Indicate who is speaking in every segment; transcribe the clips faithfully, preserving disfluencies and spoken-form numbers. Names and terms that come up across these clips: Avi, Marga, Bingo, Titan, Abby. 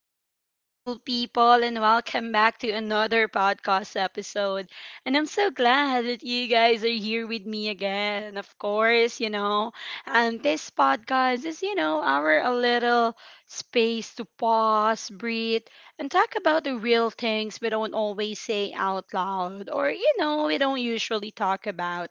Speaker 1: Hello, beautiful people, and welcome back to another podcast episode. And I'm so glad that you guys are here with me again. Of course, you know, and this podcast is, you know, our a little space to pause, breathe, and talk about the real things we don't always say out loud or, you know, we don't usually talk about.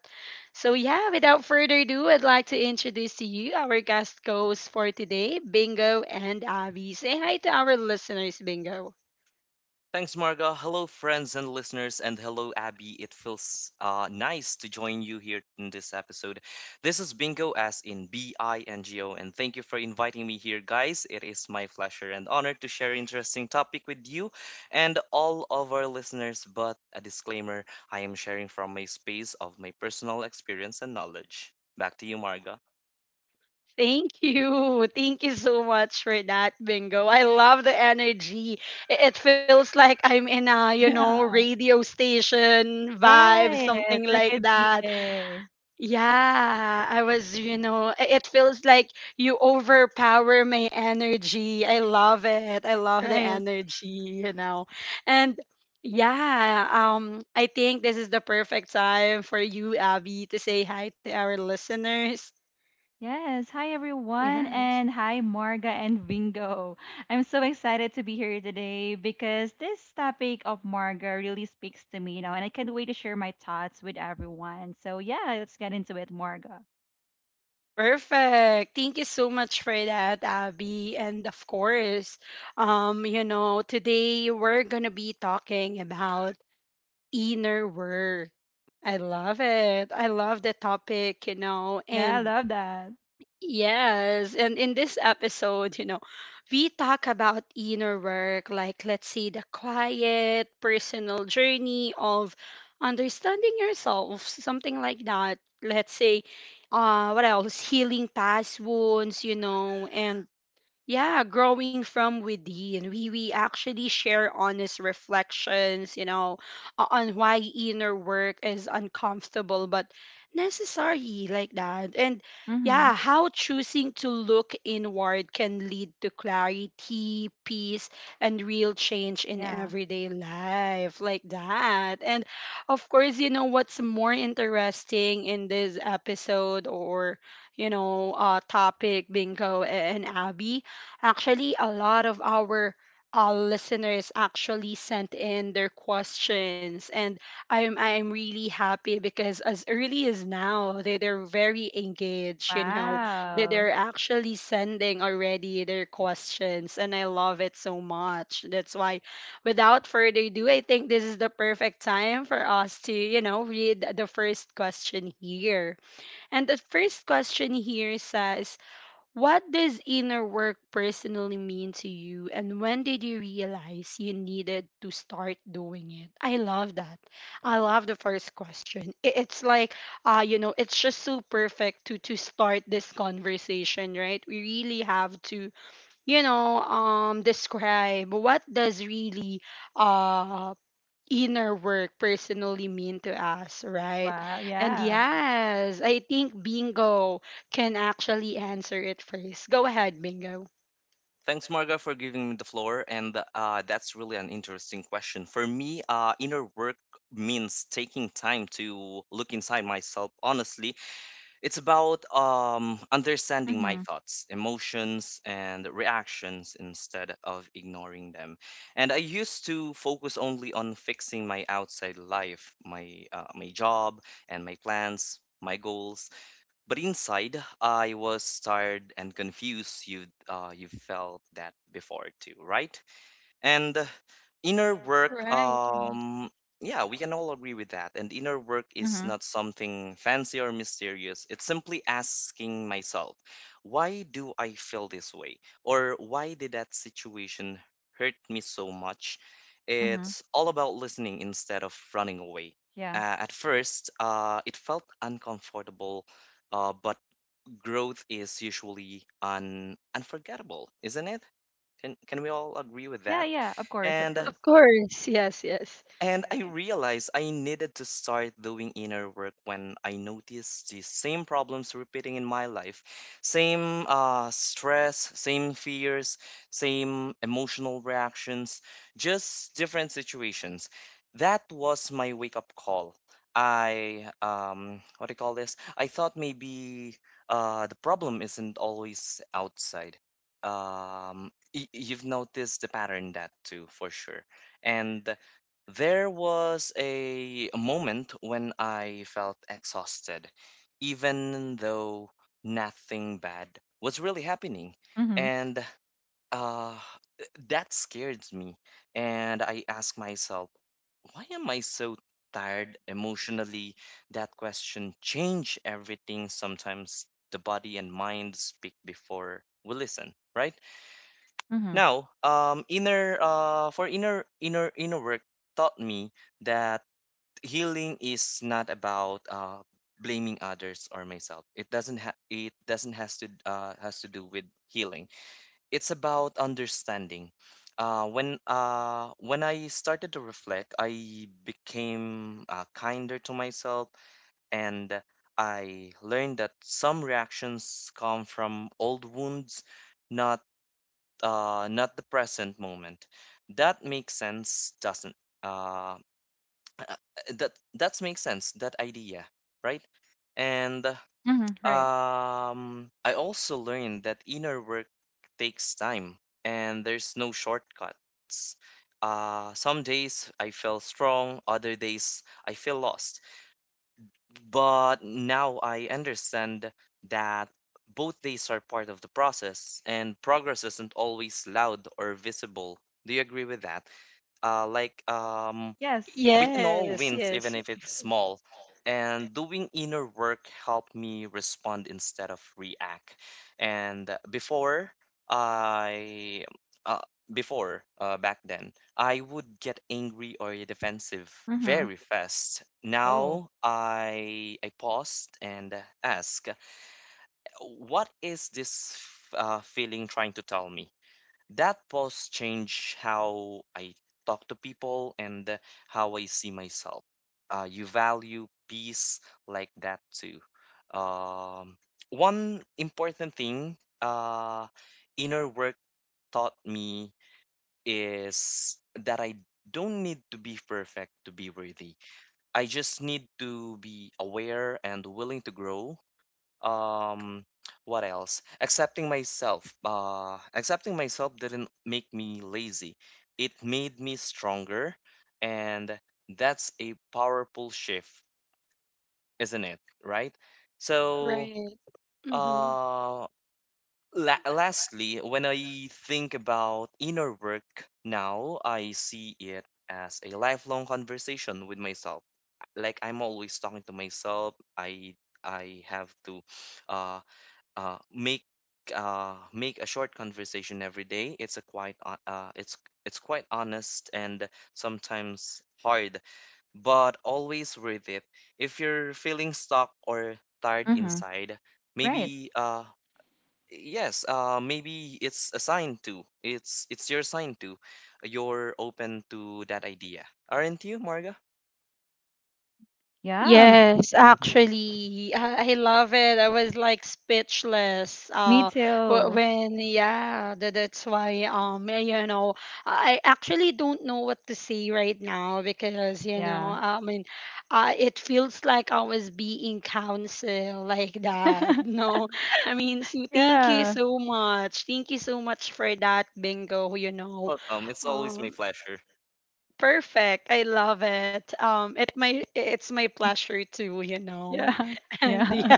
Speaker 1: So yeah, without further ado, I'd like to introduce to you our guest hosts for today, Bingo and Abby. Say hi to our listeners, Bingo.
Speaker 2: Thanks, Marga. Hello, friends and listeners, and hello, Abby. It feels uh, nice to join you here in this episode. This is Bingo, as in B I N G O, and thank you for inviting me here, guys. It is my pleasure and honor to share interesting topic with you and all of our listeners. But a disclaimer: I am sharing from my space of my personal experience and knowledge. Back to you, Marga.
Speaker 1: Thank you. Thank you so much for that, Bingo. I love the energy. I- It feels like I'm in a, you
Speaker 3: Yeah,
Speaker 1: know, radio station vibe,
Speaker 3: right.
Speaker 1: something
Speaker 3: Like
Speaker 1: like
Speaker 3: a
Speaker 1: that.
Speaker 3: D-Day.
Speaker 1: Yeah, I was, you know, i- it feels like you overpower my energy. I love it. I love the
Speaker 3: Right.
Speaker 1: energy, you know. And yeah, um I think this is the perfect time for you, Abby, to say hi to our listeners.
Speaker 3: Yes. Hi, everyone.
Speaker 1: Yes.
Speaker 3: And hi, Marga and Bingo. I'm so excited to be here today because this topic of Marga really speaks to me, you know, and I can't wait to share my thoughts with everyone. So, yeah, let's get into it, Marga.
Speaker 1: Perfect. Thank you so much for that, Abby. And of course, um, you know, today we're going to be talking about inner work. I love it. I love the topic, you know.
Speaker 3: Yeah, I
Speaker 1: And
Speaker 3: love that.
Speaker 1: yes, and in this episode, you know, we talk about inner work, like let's say the quiet personal journey of understanding yourself, something like that. Let's say, uh, what else? Healing past wounds, you know, and yeah, growing from within. We we actually share honest reflections, you know, o- on why inner work is uncomfortable but necessary, like that. And
Speaker 3: Mm-hmm.
Speaker 1: yeah, how choosing to look inward can lead to clarity, peace, and real change in
Speaker 3: Yeah.
Speaker 1: everyday life, like that. And of course, you know, what's more interesting in this episode or you know, uh topic, Bingo and Abby. Actually, a lot of our uh, listeners actually sent in their questions, and I'm I'm really happy because as early as now, they they're very engaged. You know, they
Speaker 3: Wow.
Speaker 1: they're actually sending already their questions, and I love it so much. That's why, without further ado, I think this is the perfect time for us to you know, read the first question here. And the first question here says. What does inner work personally mean to you, and when did you realize you needed to start doing it? I love that. I love the first question. I- It's like, uh, you know, it's just so perfect to to start this conversation, right? We really have to, you know, um, describe what does really, uh, inner work personally mean to us, right?
Speaker 3: Wow.
Speaker 1: And
Speaker 3: Yeah.
Speaker 1: yes, I think Bingo can actually answer it first. Go ahead, Bingo.
Speaker 2: Thanks, Marga, for giving me the floor. And uh, that's really an interesting question. For me, uh, inner work means taking time to look inside myself. Honestly, it's about um, understanding my
Speaker 3: Mm-hmm.
Speaker 2: thoughts, emotions, and reactions instead of ignoring them. And I used to focus only on fixing my outside life, my uh, my job, and my plans. My goals, but inside, I was tired and confused. You uh, you felt that before too, right? and uh, inner work,
Speaker 1: Right, right.
Speaker 2: um yeah, we can all agree with that. And inner work is
Speaker 3: Mm-hmm.
Speaker 2: not something fancy or mysterious. It's simply asking myself, why do I feel this way, or why did that situation hurt me so much?
Speaker 3: Mm-hmm.
Speaker 2: It's all about listening instead of running away.
Speaker 3: Yeah.
Speaker 2: Uh, at first, uh, it felt uncomfortable, uh, but growth is usually un- unforgettable, isn't it? Can, can we all agree with
Speaker 3: Yeah.
Speaker 2: that?
Speaker 3: Yeah. Of course. Of
Speaker 2: and
Speaker 3: course.
Speaker 1: Of course. Yes, yes.
Speaker 2: and I realized I needed to start doing inner work when I noticed the same problems repeating in my life, same uh, stress, same fears, same emotional reactions, just different situations. That was my wake up call. I um What do you call this? I thought maybe uh the problem isn't always outside. Um, y- you've noticed the pattern that too for sure. And there was a moment when I felt exhausted, even though nothing bad was really happening.
Speaker 3: Mm-hmm.
Speaker 2: And uh, that scared me. And I asked myself, why am I so tired emotionally? That question changed everything. Sometimes the body and mind speak before we listen, right?
Speaker 3: Mm-hmm.
Speaker 2: Now, um, inner uh, for inner inner inner work taught me that healing is not about uh, blaming others or myself. It doesn't ha- it doesn't has to uh, has to do with healing. It's about understanding. Uh, when uh, when I started to reflect, I became uh, kinder to myself, and I learned that some reactions come from old wounds, not uh, not the present moment. That makes sense, doesn't? Uh, that that makes sense. That idea, right? And
Speaker 3: Mm-hmm. Right.
Speaker 2: um, I also learned that inner work takes time, and there's no shortcuts. Uh, some days I feel strong, other days I feel lost, but now I understand that both days are part of the process, and progress isn't always loud or visible. Do you agree with that? Uh, like, um,
Speaker 3: Yes.
Speaker 2: we can
Speaker 1: Yes,
Speaker 2: all win,
Speaker 1: yes.
Speaker 2: even if it's small. And doing inner work helped me respond instead of react. And before I, uh, before uh, back then, I would get angry or defensive
Speaker 3: Mm-hmm.
Speaker 2: very fast.
Speaker 3: Oh.
Speaker 2: Now I I paused and ask, what is this uh, feeling trying to tell me? That pause changed how I talk to people and uh, how I see myself. Uh, you value peace like that too. Um, One important thing uh, inner work taught me is that I don't need to be perfect to be worthy. I just need to be aware and willing to grow. Um what else accepting myself uh accepting myself didn't make me lazy, it made me stronger. And that's a powerful shift, isn't it? Right. So,
Speaker 1: Right. Mm-hmm.
Speaker 2: uh la- lastly, when I think about inner work now, I see it as a lifelong conversation with myself. Like, I'm always talking to myself. I i have to uh uh, make uh, make a short conversation every day. It's a quite uh, uh, it's it's quite honest and sometimes hard, but always worth it. If you're feeling stuck or tired
Speaker 3: Mm-hmm.
Speaker 2: inside,
Speaker 3: Right.
Speaker 2: maybe uh yes, uh maybe it's a sign too. It's it's your sign too. You're open to that idea, aren't you, Marga?
Speaker 3: Yeah. m-
Speaker 1: Yes,
Speaker 2: hmm
Speaker 1: actually, I, I love it. I was like speechless.
Speaker 3: Me
Speaker 1: Uh, wh-
Speaker 3: too.
Speaker 1: when yeah, tha- that's why um, eh, you know, I actually don't know what to say right now because you know,
Speaker 3: Yeah.
Speaker 1: I mean, uh, it feels like I was being counseled like that. No, I mean, so thank you
Speaker 3: Yeah.
Speaker 1: so much. Thank you so much for that, Bingo. You know,
Speaker 2: Welcome. It's always my
Speaker 1: um.
Speaker 2: pleasure.
Speaker 1: Perfect. I love it. Um, it my it's my pleasure too, you know.
Speaker 3: Yeah.
Speaker 1: And
Speaker 3: Yeah.
Speaker 1: yeah,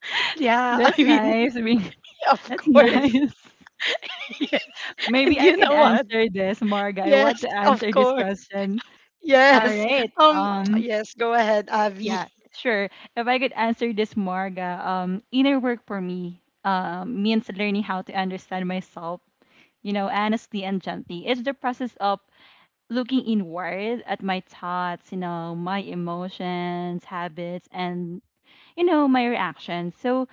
Speaker 1: yeah.
Speaker 3: That's
Speaker 1: I mean,
Speaker 3: nice. I mean,
Speaker 1: of
Speaker 3: that's
Speaker 1: course,
Speaker 3: nice.
Speaker 1: yes. And
Speaker 3: Maybe I
Speaker 1: you
Speaker 3: could
Speaker 1: know what?
Speaker 3: answer this, Marga. I
Speaker 1: Yes,
Speaker 3: want to
Speaker 1: of
Speaker 3: answer this
Speaker 1: course,
Speaker 3: question. All
Speaker 1: yes.
Speaker 3: right.
Speaker 1: Um,
Speaker 3: Um,
Speaker 1: yes. Go ahead, Avi.
Speaker 3: yeah, sure. If I could answer this, Marga, um, inner work for me um, means learning how to understand myself, you know, honestly and gently. It's the process of looking inward at my thoughts, you know, my emotions, habits, and you know, my reactions. So,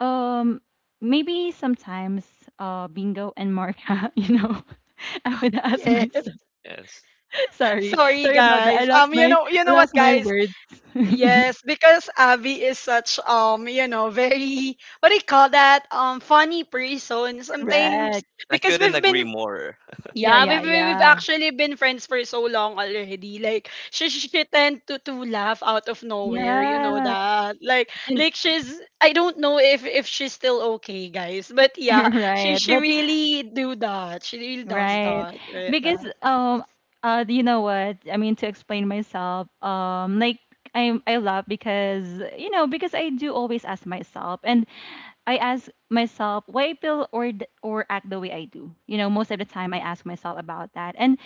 Speaker 3: um, maybe sometimes, uh, Bingo and Marka, you know, I would ask
Speaker 1: Yes.
Speaker 3: myself.
Speaker 2: Yes,
Speaker 3: Sorry,
Speaker 1: Sorry,
Speaker 3: sorry about that. I
Speaker 1: guys.
Speaker 3: lost
Speaker 1: Um, you
Speaker 3: my,
Speaker 1: know, you
Speaker 3: I
Speaker 1: know what,
Speaker 3: lost my
Speaker 1: guys?
Speaker 3: words.
Speaker 1: Yes, because Avi is such um, you know, very what do you call that? Um, funny person. Sometimes
Speaker 3: Correct.
Speaker 2: I
Speaker 1: because
Speaker 2: couldn't
Speaker 1: we've
Speaker 2: agree
Speaker 1: been
Speaker 2: more.
Speaker 3: Yeah,
Speaker 1: yeah,
Speaker 3: yeah,
Speaker 1: we've, we- we've
Speaker 3: yeah,
Speaker 1: actually been friends for so long already. Like, she, she she tend to, to laugh out of nowhere, you know
Speaker 3: yeah.
Speaker 1: that. Like,
Speaker 3: And
Speaker 1: like she's, I don't know if, if she's still okay, guys. But yeah, she,
Speaker 3: right,
Speaker 1: she
Speaker 3: but
Speaker 1: really do that. She really does
Speaker 3: Right.
Speaker 1: that. Right,
Speaker 3: Because
Speaker 1: that.
Speaker 3: um uh you know what? I mean to explain myself, um, like I I love because you know because I do always ask myself. And I ask myself why I feel or d- or act the way I do. You know, most of the time I ask myself about that. And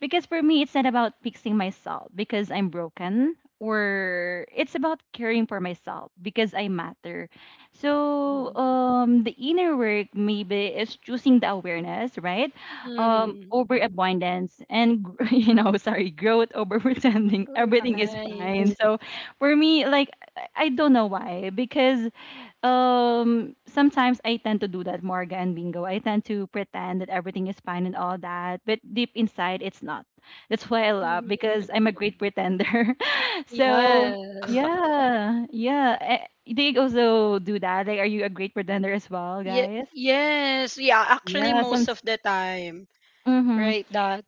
Speaker 3: because for me it's not about fixing myself because I'm broken or it's about caring for myself because I matter. So um, the inner work maybe is choosing the awareness, right? Um,
Speaker 1: Mm-hmm.
Speaker 3: over abundance and gr- you know, sorry, growth over pretending everything is fine.
Speaker 1: Right.
Speaker 3: So for me, like I I don't know why. Because um, sometimes I tend to do that, Morga and Bingo. I tend to pretend that everything is fine and all that, but deep inside, it's not. That's why I love,
Speaker 1: Mm-hmm.
Speaker 3: because I'm a
Speaker 2: Agree.
Speaker 3: great pretender. So
Speaker 1: Yes.
Speaker 3: yeah, yeah. Eh, do you also do that? Like, are you a great pretender as well,
Speaker 1: Ye-
Speaker 3: guys?
Speaker 1: yes. Yeah, actually,
Speaker 3: Yeah, some.
Speaker 1: most of the time.
Speaker 3: Mm-hmm.
Speaker 1: Right, that.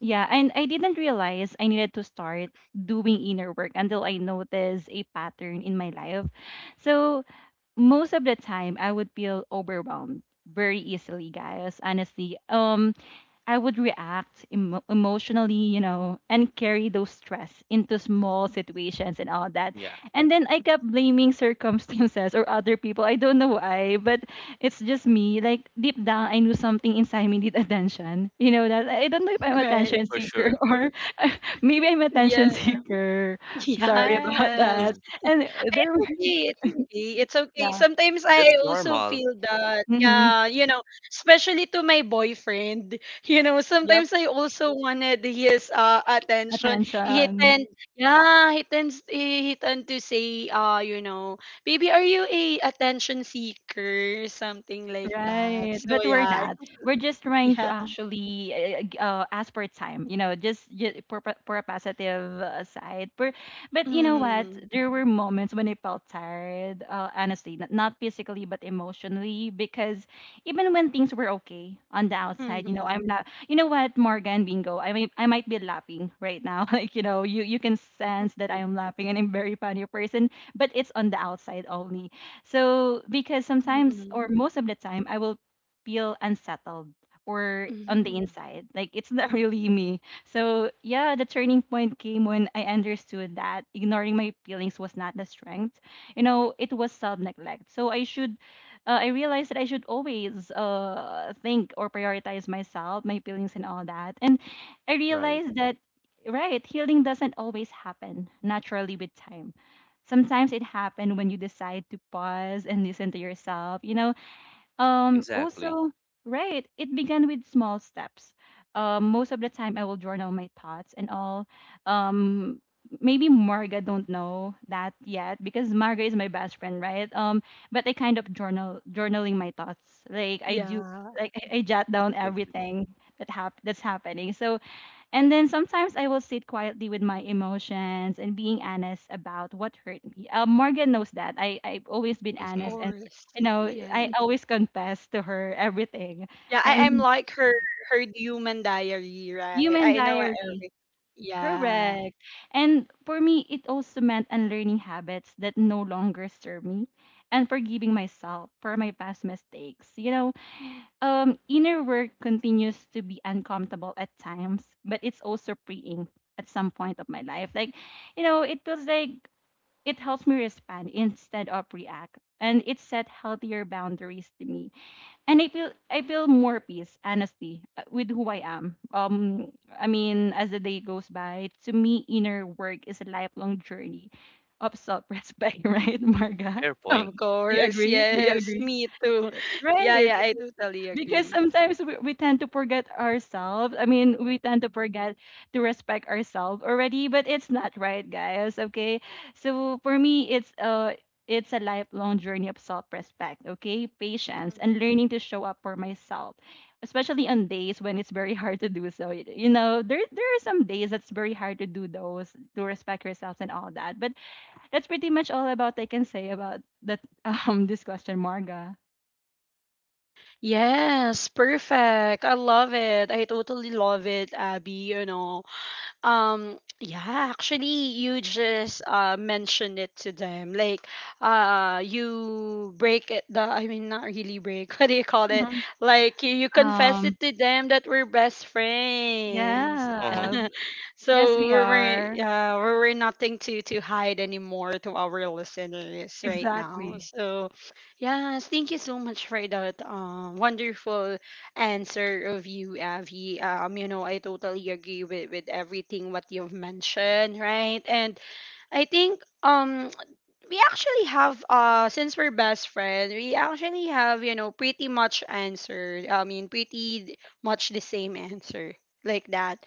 Speaker 3: Yeah, and I didn't realize I needed to start doing inner work until I noticed a pattern in my life. So most of the time I would feel overwhelmed very easily, guys. Honestly, um, I would react emo- emotionally, you know, and carry those stress into small situations and all that.
Speaker 2: Yeah.
Speaker 3: And then I kept blaming circumstances or other people. I don't know why, but it's just me. Like deep down, I knew something inside me need attention. You know that, I don't know if I'm
Speaker 1: Right.
Speaker 3: attention
Speaker 2: For
Speaker 3: seeker
Speaker 2: sure.
Speaker 3: or maybe I'm attention
Speaker 1: Yeah.
Speaker 3: seeker. Sorry about
Speaker 1: Yes.
Speaker 3: that.
Speaker 2: Mm.
Speaker 3: And there,
Speaker 1: It's
Speaker 3: were-
Speaker 1: okay, it's okay, it's okay.
Speaker 3: yeah.
Speaker 1: Sometimes
Speaker 2: That's
Speaker 1: I also
Speaker 2: normal.
Speaker 1: feel that,
Speaker 3: Hmm.
Speaker 1: yeah, you know, especially to my boyfriend, you know, sometimes I also wanted his uh, attention. He
Speaker 3: Attention.
Speaker 1: tend, yeah, he tends, he, he tend to say, uh, you know, baby, are you a attention seeker? Something like that.
Speaker 3: Right.
Speaker 1: So
Speaker 3: But we're
Speaker 1: yeah, it
Speaker 3: not. We're just trying to
Speaker 1: yeah.
Speaker 3: actually uh, g- uh, ask for time, you know, just, just for, pa- for a positive uh, side. But, but you know what?
Speaker 1: Mm-hmm.
Speaker 3: There were moments when I felt tired, uh, honestly, not, not physically, but emotionally. Because even when things were okay on the outside, you know,
Speaker 1: Mm-hmm.
Speaker 3: I'm not, you know what, Morgan Bingo, I may, I might be laughing right now. Like, you know, you, you can sense
Speaker 1: Mm-hmm.
Speaker 3: that I am laughing and I'm very funny person, but it's on the outside only. So because sometimes
Speaker 1: mm-hmm,
Speaker 3: or most of the time I will feel unsettled or on the
Speaker 1: mm-hmm,
Speaker 3: inside. Like it's not really me. So yeah, the turning point came when I understood that ignoring my feelings was not the strength. You know, it was self-neglect. So I should uh, I realized that I should always uh think or prioritize myself, my feelings and all that. And I
Speaker 2: Right.
Speaker 3: realized that right, healing doesn't always happen naturally with time. Sometimes it happens when you decide to pause and listen to yourself, you know. Um,
Speaker 2: Exactly.
Speaker 3: also right, it began with small steps. Um, most of the time I will journal my thoughts and all. Um, maybe Marga don't know that yet because Marga is my best friend, right? Um, but I kind of journal journaling my thoughts. Like I do,
Speaker 1: yeah,
Speaker 3: like i, I jot down
Speaker 2: Mm-hmm.
Speaker 3: everything that hap- that's happening. So and then sometimes I will sit quietly with my emotions and being honest about what hurt me. Uh, Morgan knows that. I, I've always been
Speaker 1: of
Speaker 2: Mm-hmm.
Speaker 3: honest, and
Speaker 1: course.
Speaker 3: you know,
Speaker 1: Yeah.
Speaker 3: I always confess to her everything.
Speaker 1: Yeah, I I'm
Speaker 3: And
Speaker 1: like her her human diary, right?
Speaker 3: human
Speaker 1: I know
Speaker 3: diary,
Speaker 1: every. Yeah.
Speaker 3: correct. And for me, it also meant unlearning habits that no longer serve me and forgiving myself for my past mistakes. You know, um, inner work continues to be uncomfortable at times, but it's also freeing at some point of my life. Like, you know, it feels like it helps me respond instead of react, and it set healthier boundaries to me. And I feel I feel more peace, honestly, uh, with who I am. Um, I mean, as the day goes by, to me, inner work is a lifelong journey of self-respect, right, Marga?
Speaker 2: Fair point.
Speaker 1: Of
Speaker 3: Do you
Speaker 1: course,
Speaker 3: agree? Do you
Speaker 1: yes.
Speaker 3: agree?
Speaker 1: Me too. Yeah,
Speaker 3: Right.
Speaker 1: yeah, I totally
Speaker 3: Because
Speaker 1: agree.
Speaker 3: sometimes we, we tend to forget ourselves. I mean, we tend to forget to respect ourselves already, but it's not right, guys. Okay. So for me, it's uh it's a lifelong journey of self-respect, okay? Patience
Speaker 1: Mm.
Speaker 3: and learning to show up for myself, especially on days when it's very hard to do so. You know, there there are some days that's very hard to do those, to respect yourselves and all that. But that's pretty much all about I can say about that um, this question, Marga.
Speaker 1: Yes, perfect. I love it. I totally love it, Abby, you know. Um, yeah, actually, you just uh, mentioned it to them. Like, uh, you break it, the, I mean, not really break, what do you call it?
Speaker 3: Uh-huh.
Speaker 1: Like, you, you confess
Speaker 3: Um.
Speaker 1: it to them that we're best friends.
Speaker 2: Uh-huh.
Speaker 3: Yeah. Yes,
Speaker 1: So,
Speaker 3: we
Speaker 1: we're, we're,
Speaker 3: are.
Speaker 1: uh, we're we're nothing to, to hide anymore to our listeners right now.
Speaker 3: Exactly.
Speaker 1: So, yes, thank you so much for that um, wonderful answer of you, Avi. Um, you know, I totally agree with, with everything what you've mentioned, right? And I think um we actually have uh, since we're best friends, we actually have, you know, pretty much answer. I mean pretty much the same answer like that.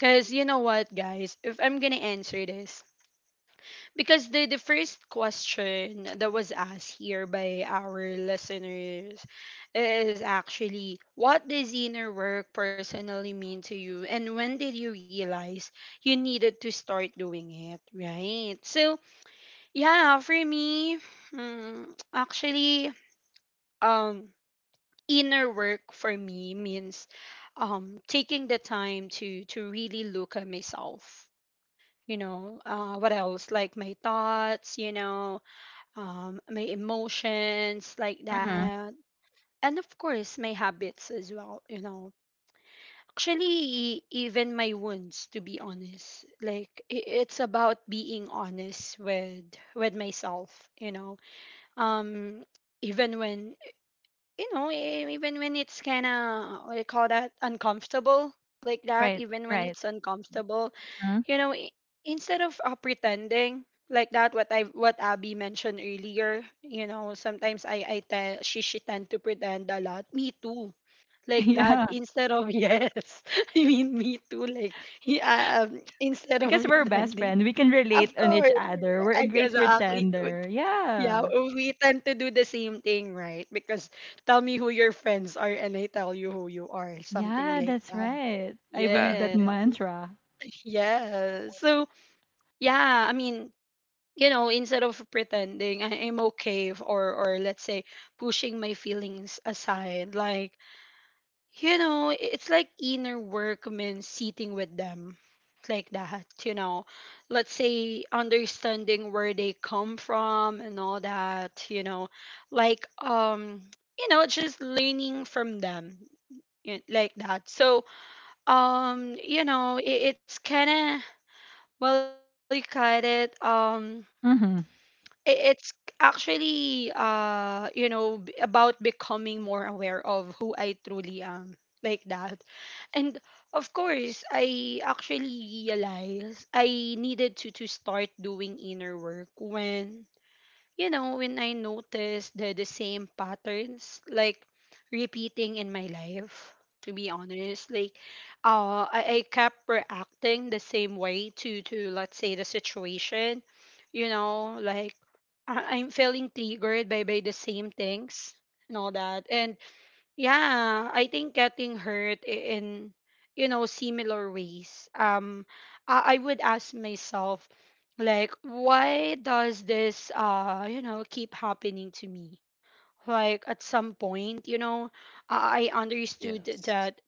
Speaker 1: Cause you know what guys, if I'm gonna answer this, because the, the first question that was asked here by our listeners is actually what does inner work personally mean to you and when did you realize you needed to start doing it, right? So, yeah, for me, mm, actually um inner work for me means um taking the time to to really look at myself. You know, uh, what else? Like my thoughts, you know, um, my emotions like
Speaker 3: Mm-hmm.
Speaker 1: that, and of course my habits as well. You know, actually, even my wounds. To be honest, like i- it's about being honest with with myself. You know, um, even when you know, e- even when it's kind of, what do you call that, uncomfortable, like that,
Speaker 3: Right,
Speaker 1: even when
Speaker 3: right.
Speaker 1: it's uncomfortable,
Speaker 3: Mm-hmm.
Speaker 1: you know, i- instead of uh, pretending, like that, what I what Abby mentioned earlier, you know, sometimes I I tell she she tend to pretend a lot. Me too, like that.
Speaker 3: Yeah.
Speaker 1: Instead of yes, I mean me too. Like yeah, um, instead of
Speaker 3: Because we're best
Speaker 1: pretending,
Speaker 3: friends, we can
Speaker 1: of
Speaker 3: relate on each
Speaker 1: course,
Speaker 3: other. We're a great
Speaker 1: exactly.
Speaker 3: pretender.
Speaker 1: Yeah,
Speaker 3: Yeah.
Speaker 1: w- we tend to do the same thing, right? Because tell me who your friends are and I tell you who you are, something
Speaker 3: Yeah,
Speaker 1: like
Speaker 3: that's
Speaker 1: that.
Speaker 3: right. I believe
Speaker 2: Fact.
Speaker 3: that
Speaker 1: Yes,
Speaker 3: mantra.
Speaker 1: yeah. So, yeah, I mean, you know, instead of pretending I am okay f- or or let's say pushing my feelings aside, like you know, i- it's like inner work means sitting with them like that, you know. Let's say understanding where they come from and all that, you know. Like um, you know, just learning from them y- like that. So, um, you know, it, it's kind of well, you got it. Um
Speaker 3: Mm-hmm.
Speaker 1: i- it's actually uh, you know, b- about becoming more aware of who I truly am like that. And of course I actually realized I needed to to start doing inner work when you know, when I notice the, the same patterns, like repeating in my life, to be honest, like uh, I, I kept reacting the same way to, to, let's say, the situation, you know, like I, I'm feeling triggered by, by the same things and all that. And yeah, I think getting hurt I- in you know similar ways. Um, I, I would ask myself, like, why does this uh, you know, keep happening to me? Like at some point, you know, I I understood
Speaker 2: Yes.
Speaker 1: that.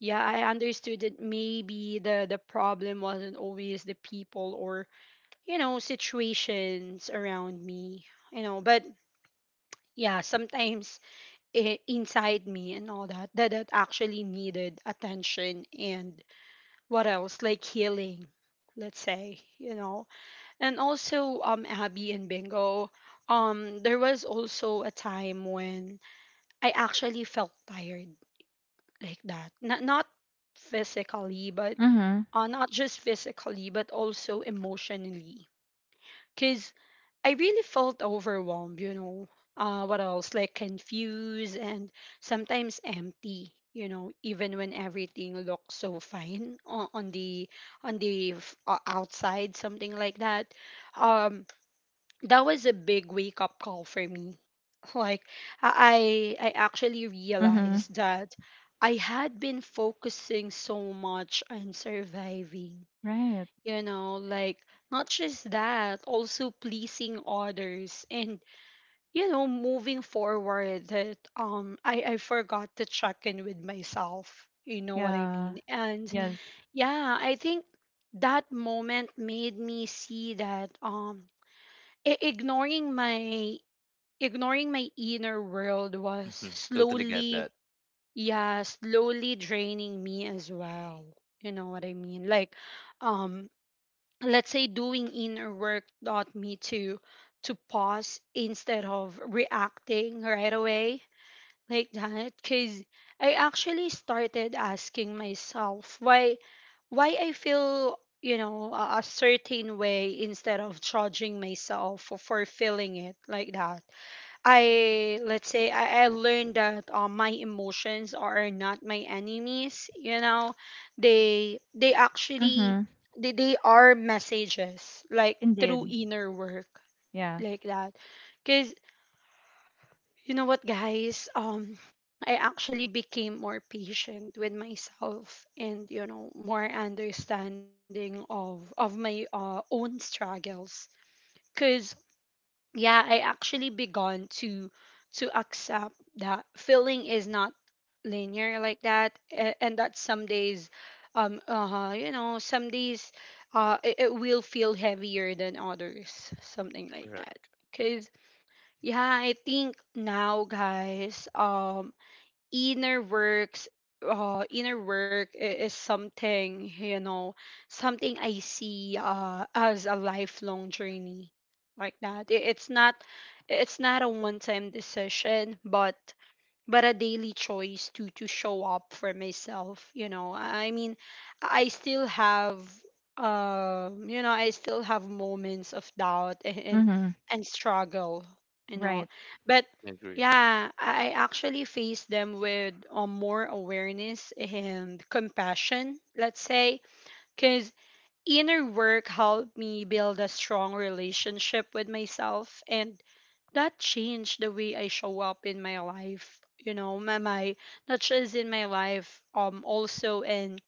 Speaker 1: Yeah, I understood that maybe the the problem wasn't always the people or you know situations around me. You know, but yeah, sometimes i- inside me and all that, that that actually needed attention and what else like healing, let's say, you know. And also um Abby and Bingo, um there was also a time when I actually felt tired like that, not not physically but
Speaker 3: Mm-hmm.
Speaker 1: uh, not just physically but also emotionally because I really felt overwhelmed, you know. Uh, what else? Like confused and sometimes empty, you know, even when everything looks so fine on, on the on the f- uh, outside, something like that. Um, that was a big wake up call for me. Like I I I actually
Speaker 3: Mm-hmm.
Speaker 1: realized that I had been focusing so much on surviving,
Speaker 3: Right.
Speaker 1: you know, like not just that, also pleasing others and, you know, moving forward, that um i i forgot to check in with myself, you know what I
Speaker 3: Yeah.
Speaker 1: mean. And
Speaker 3: Yes.
Speaker 1: yeah, I think that moment made me see that um, i- ignoring my ignoring my inner world was
Speaker 2: Mm-hmm. Totally get
Speaker 1: slowly,
Speaker 2: that.
Speaker 1: yeah, slowly draining me as well, you know what I mean, like, um, let's say doing inner work taught me to to pause instead of reacting right away, like that. Because I actually started asking myself why why I feel, you know, a, a certain way, instead of judging myself for, for feeling it, like that. I, let's say I, I learned that uh, my emotions are not my enemies. You know, they they actually,
Speaker 3: Mm-hmm.
Speaker 1: they, they are messages, like through
Speaker 3: Indeed.
Speaker 1: inner work,
Speaker 3: Yeah.
Speaker 1: like that. Cause you know what, guys, um, I actually became more patient with myself and, you know, more understanding of of my uh, own struggles. Because yeah, I actually begun to to accept that feeling is not linear, like that, a- and that some days, um, uh you know, some days, uh, it, it will feel heavier than others, something like that.
Speaker 2: Correct.
Speaker 1: Because yeah, I think now, guys, um, inner works uh, inner work i- is something, you know, something I see, uh, as a lifelong journey, like that. I- it's not, it's not a one time decision, but but a daily choice to to show up for myself, you know, I I mean. I still have, um, you know, I still have moments of doubt and and,
Speaker 3: Mm-hmm.
Speaker 1: and struggle, you know,
Speaker 3: Right.
Speaker 1: but
Speaker 2: Agree.
Speaker 1: yeah, i I actually face them with, uh, more awareness and compassion, let's say. Because inner work helped me build a strong relationship with myself, and that changed the way I show up in my life. You know, my, my not just in my life, um, also in,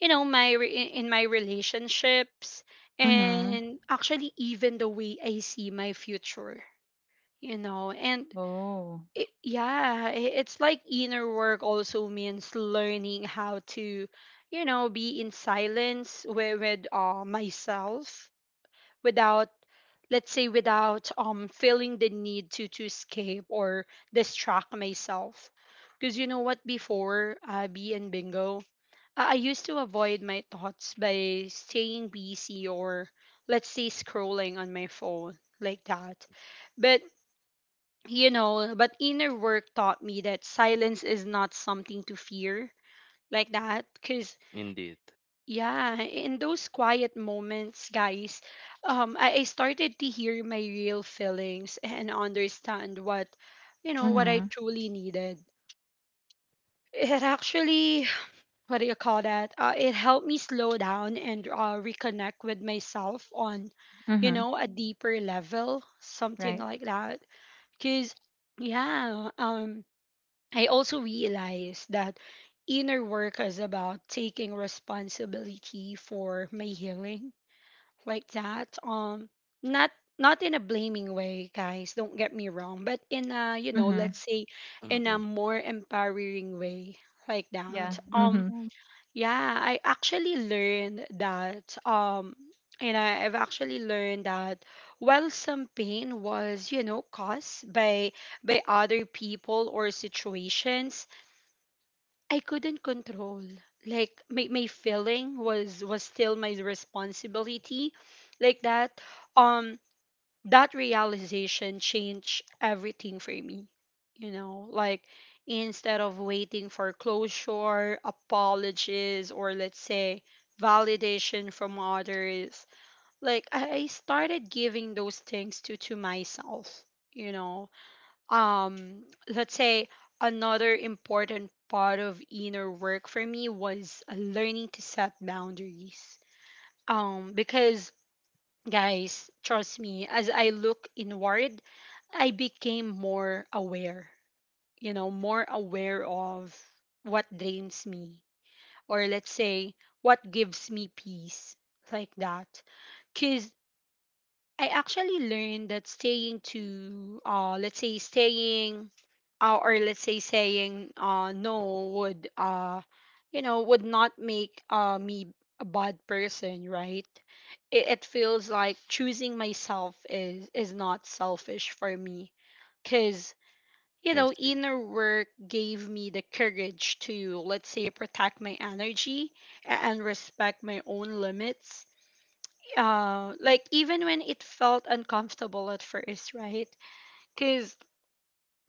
Speaker 1: you know, my re- in my relationships,
Speaker 3: Mm-hmm.
Speaker 1: and actually even the way I see my future. You know, and
Speaker 3: Oh.
Speaker 1: it, yeah, i- it's like inner work also means learning how to, you know, be in silence with, with uh, myself, without, let's say, without um, feeling the need to to escape or distract myself. Because you know what, before, uh, b and Bingo, I I used to avoid my thoughts by staying busy, or let's say scrolling on my phone, like that. But you know, but inner work taught me that silence is not something to fear, like that, cuz
Speaker 2: Indeed.
Speaker 1: yeah, in those quiet moments, guys, um, I, I started to hear my real feelings and understand what, you know, what
Speaker 3: Mm-hmm.
Speaker 1: I truly needed. It actually, what do you call that? Uh, it helped me slow down and uh, reconnect with myself on, you
Speaker 3: Mm-hmm.
Speaker 1: know, a deeper level, something
Speaker 3: Right.
Speaker 1: like that. Cause, yeah, um, I also realized that inner work is about taking responsibility for my healing, like that. Um, not not in a blaming way, guys. Don't get me wrong, but in a, you know,
Speaker 3: Mm-hmm.
Speaker 1: let's say, in a
Speaker 2: Mm-mm.
Speaker 1: more empowering way, like
Speaker 3: Yeah.
Speaker 1: that. Um,
Speaker 3: Mm-hmm.
Speaker 1: yeah, I actually learned that. Um, and I- I've actually learned that while some pain was, you know, caused by by other people or situations I couldn't control, like my, my feeling was was still my responsibility, like that. Um, that realization changed everything for me. You know, like instead of waiting for closure, apologies, or let's say validation from others, like I, I started giving those things to to myself, you know. Um, let's say another important part of inner work for me was learning to set boundaries, um, because, guys, trust me, as I look inward, I became more aware, you know, more aware of what drains me, or let's say what gives me peace, like that. Because I actually learned that staying to, uh, let's say, staying, uh, or let's say, saying uh, no would, uh, you know, would not make uh, me a bad person, right? It, it feels like choosing myself is is not selfish for me, because, you
Speaker 2: I
Speaker 1: know,
Speaker 2: see.
Speaker 1: inner work gave me the courage to, let's say, protect my energy a- and respect my own limits, uh, like even when it felt uncomfortable at first, right? Because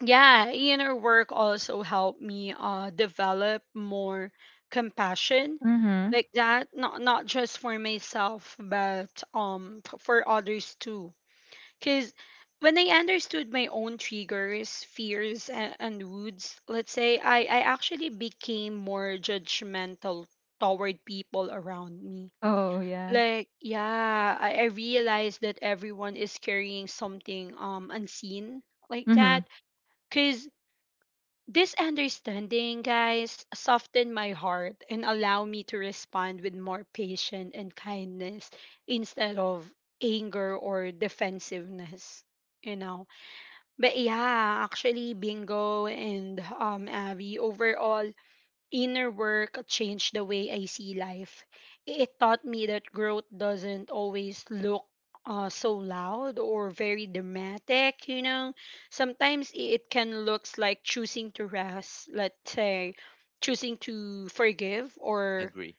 Speaker 1: yeah, inner work also helped me uh, develop more compassion,
Speaker 3: Mm-hmm.
Speaker 1: like that. Not not just for myself, but um, f- for others too. Because when I understood my own triggers, fears, and, and moods, let's say I I actually became more judgmental toward people around me.
Speaker 3: Oh, yeah.
Speaker 1: Like yeah, I, I realized that everyone is carrying something, um, unseen, like
Speaker 3: Mhm.
Speaker 1: that. Because this understanding, guys, softened my heart and allow me to respond with more patience and kindness instead of anger or defensiveness, you know. But yeah, actually, Bingo and um, Abby, overall inner work changed the way I see life. It taught me that growth doesn't always look uh, so loud or very dramatic, you know. Sometimes it can looks like choosing to rest, let's say, choosing to forgive, or
Speaker 2: Agree.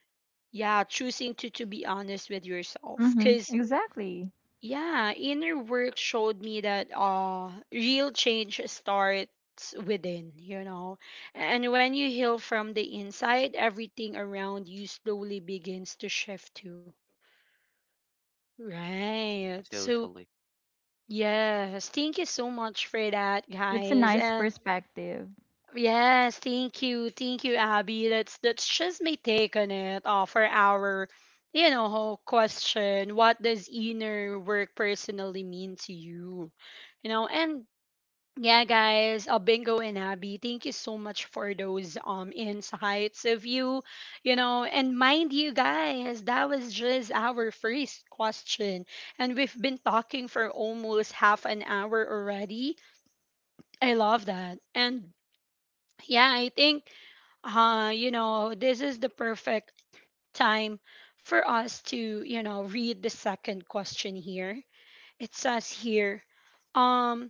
Speaker 1: yeah, choosing to to be honest with yourself,
Speaker 3: Mhm.
Speaker 1: cuz
Speaker 3: Exactly.
Speaker 1: yeah, inner work showed me that uh, real change starts within, you know. And when you heal from the inside, everything around you slowly begins to shift too. Right.
Speaker 2: So
Speaker 1: So,
Speaker 2: totally.
Speaker 1: yes, thank you so much for that,
Speaker 3: That's a
Speaker 1: guys.
Speaker 3: nice
Speaker 1: And
Speaker 3: perspective.
Speaker 1: yes, thank you. Thank you, Abby. That's that's just my take on it, uh, for our, you know, whole question. What does inner work personally mean to you? You know, and yeah, guys, uh, Bingo and Abby, thank you so much for those um, insights of you, you know, and mind you, guys, that was just our first question. And we've been talking for almost half an hour already. I love that. And yeah, I think uh, you know, this is the perfect time for us to, you know, read the second question here. It says here, um,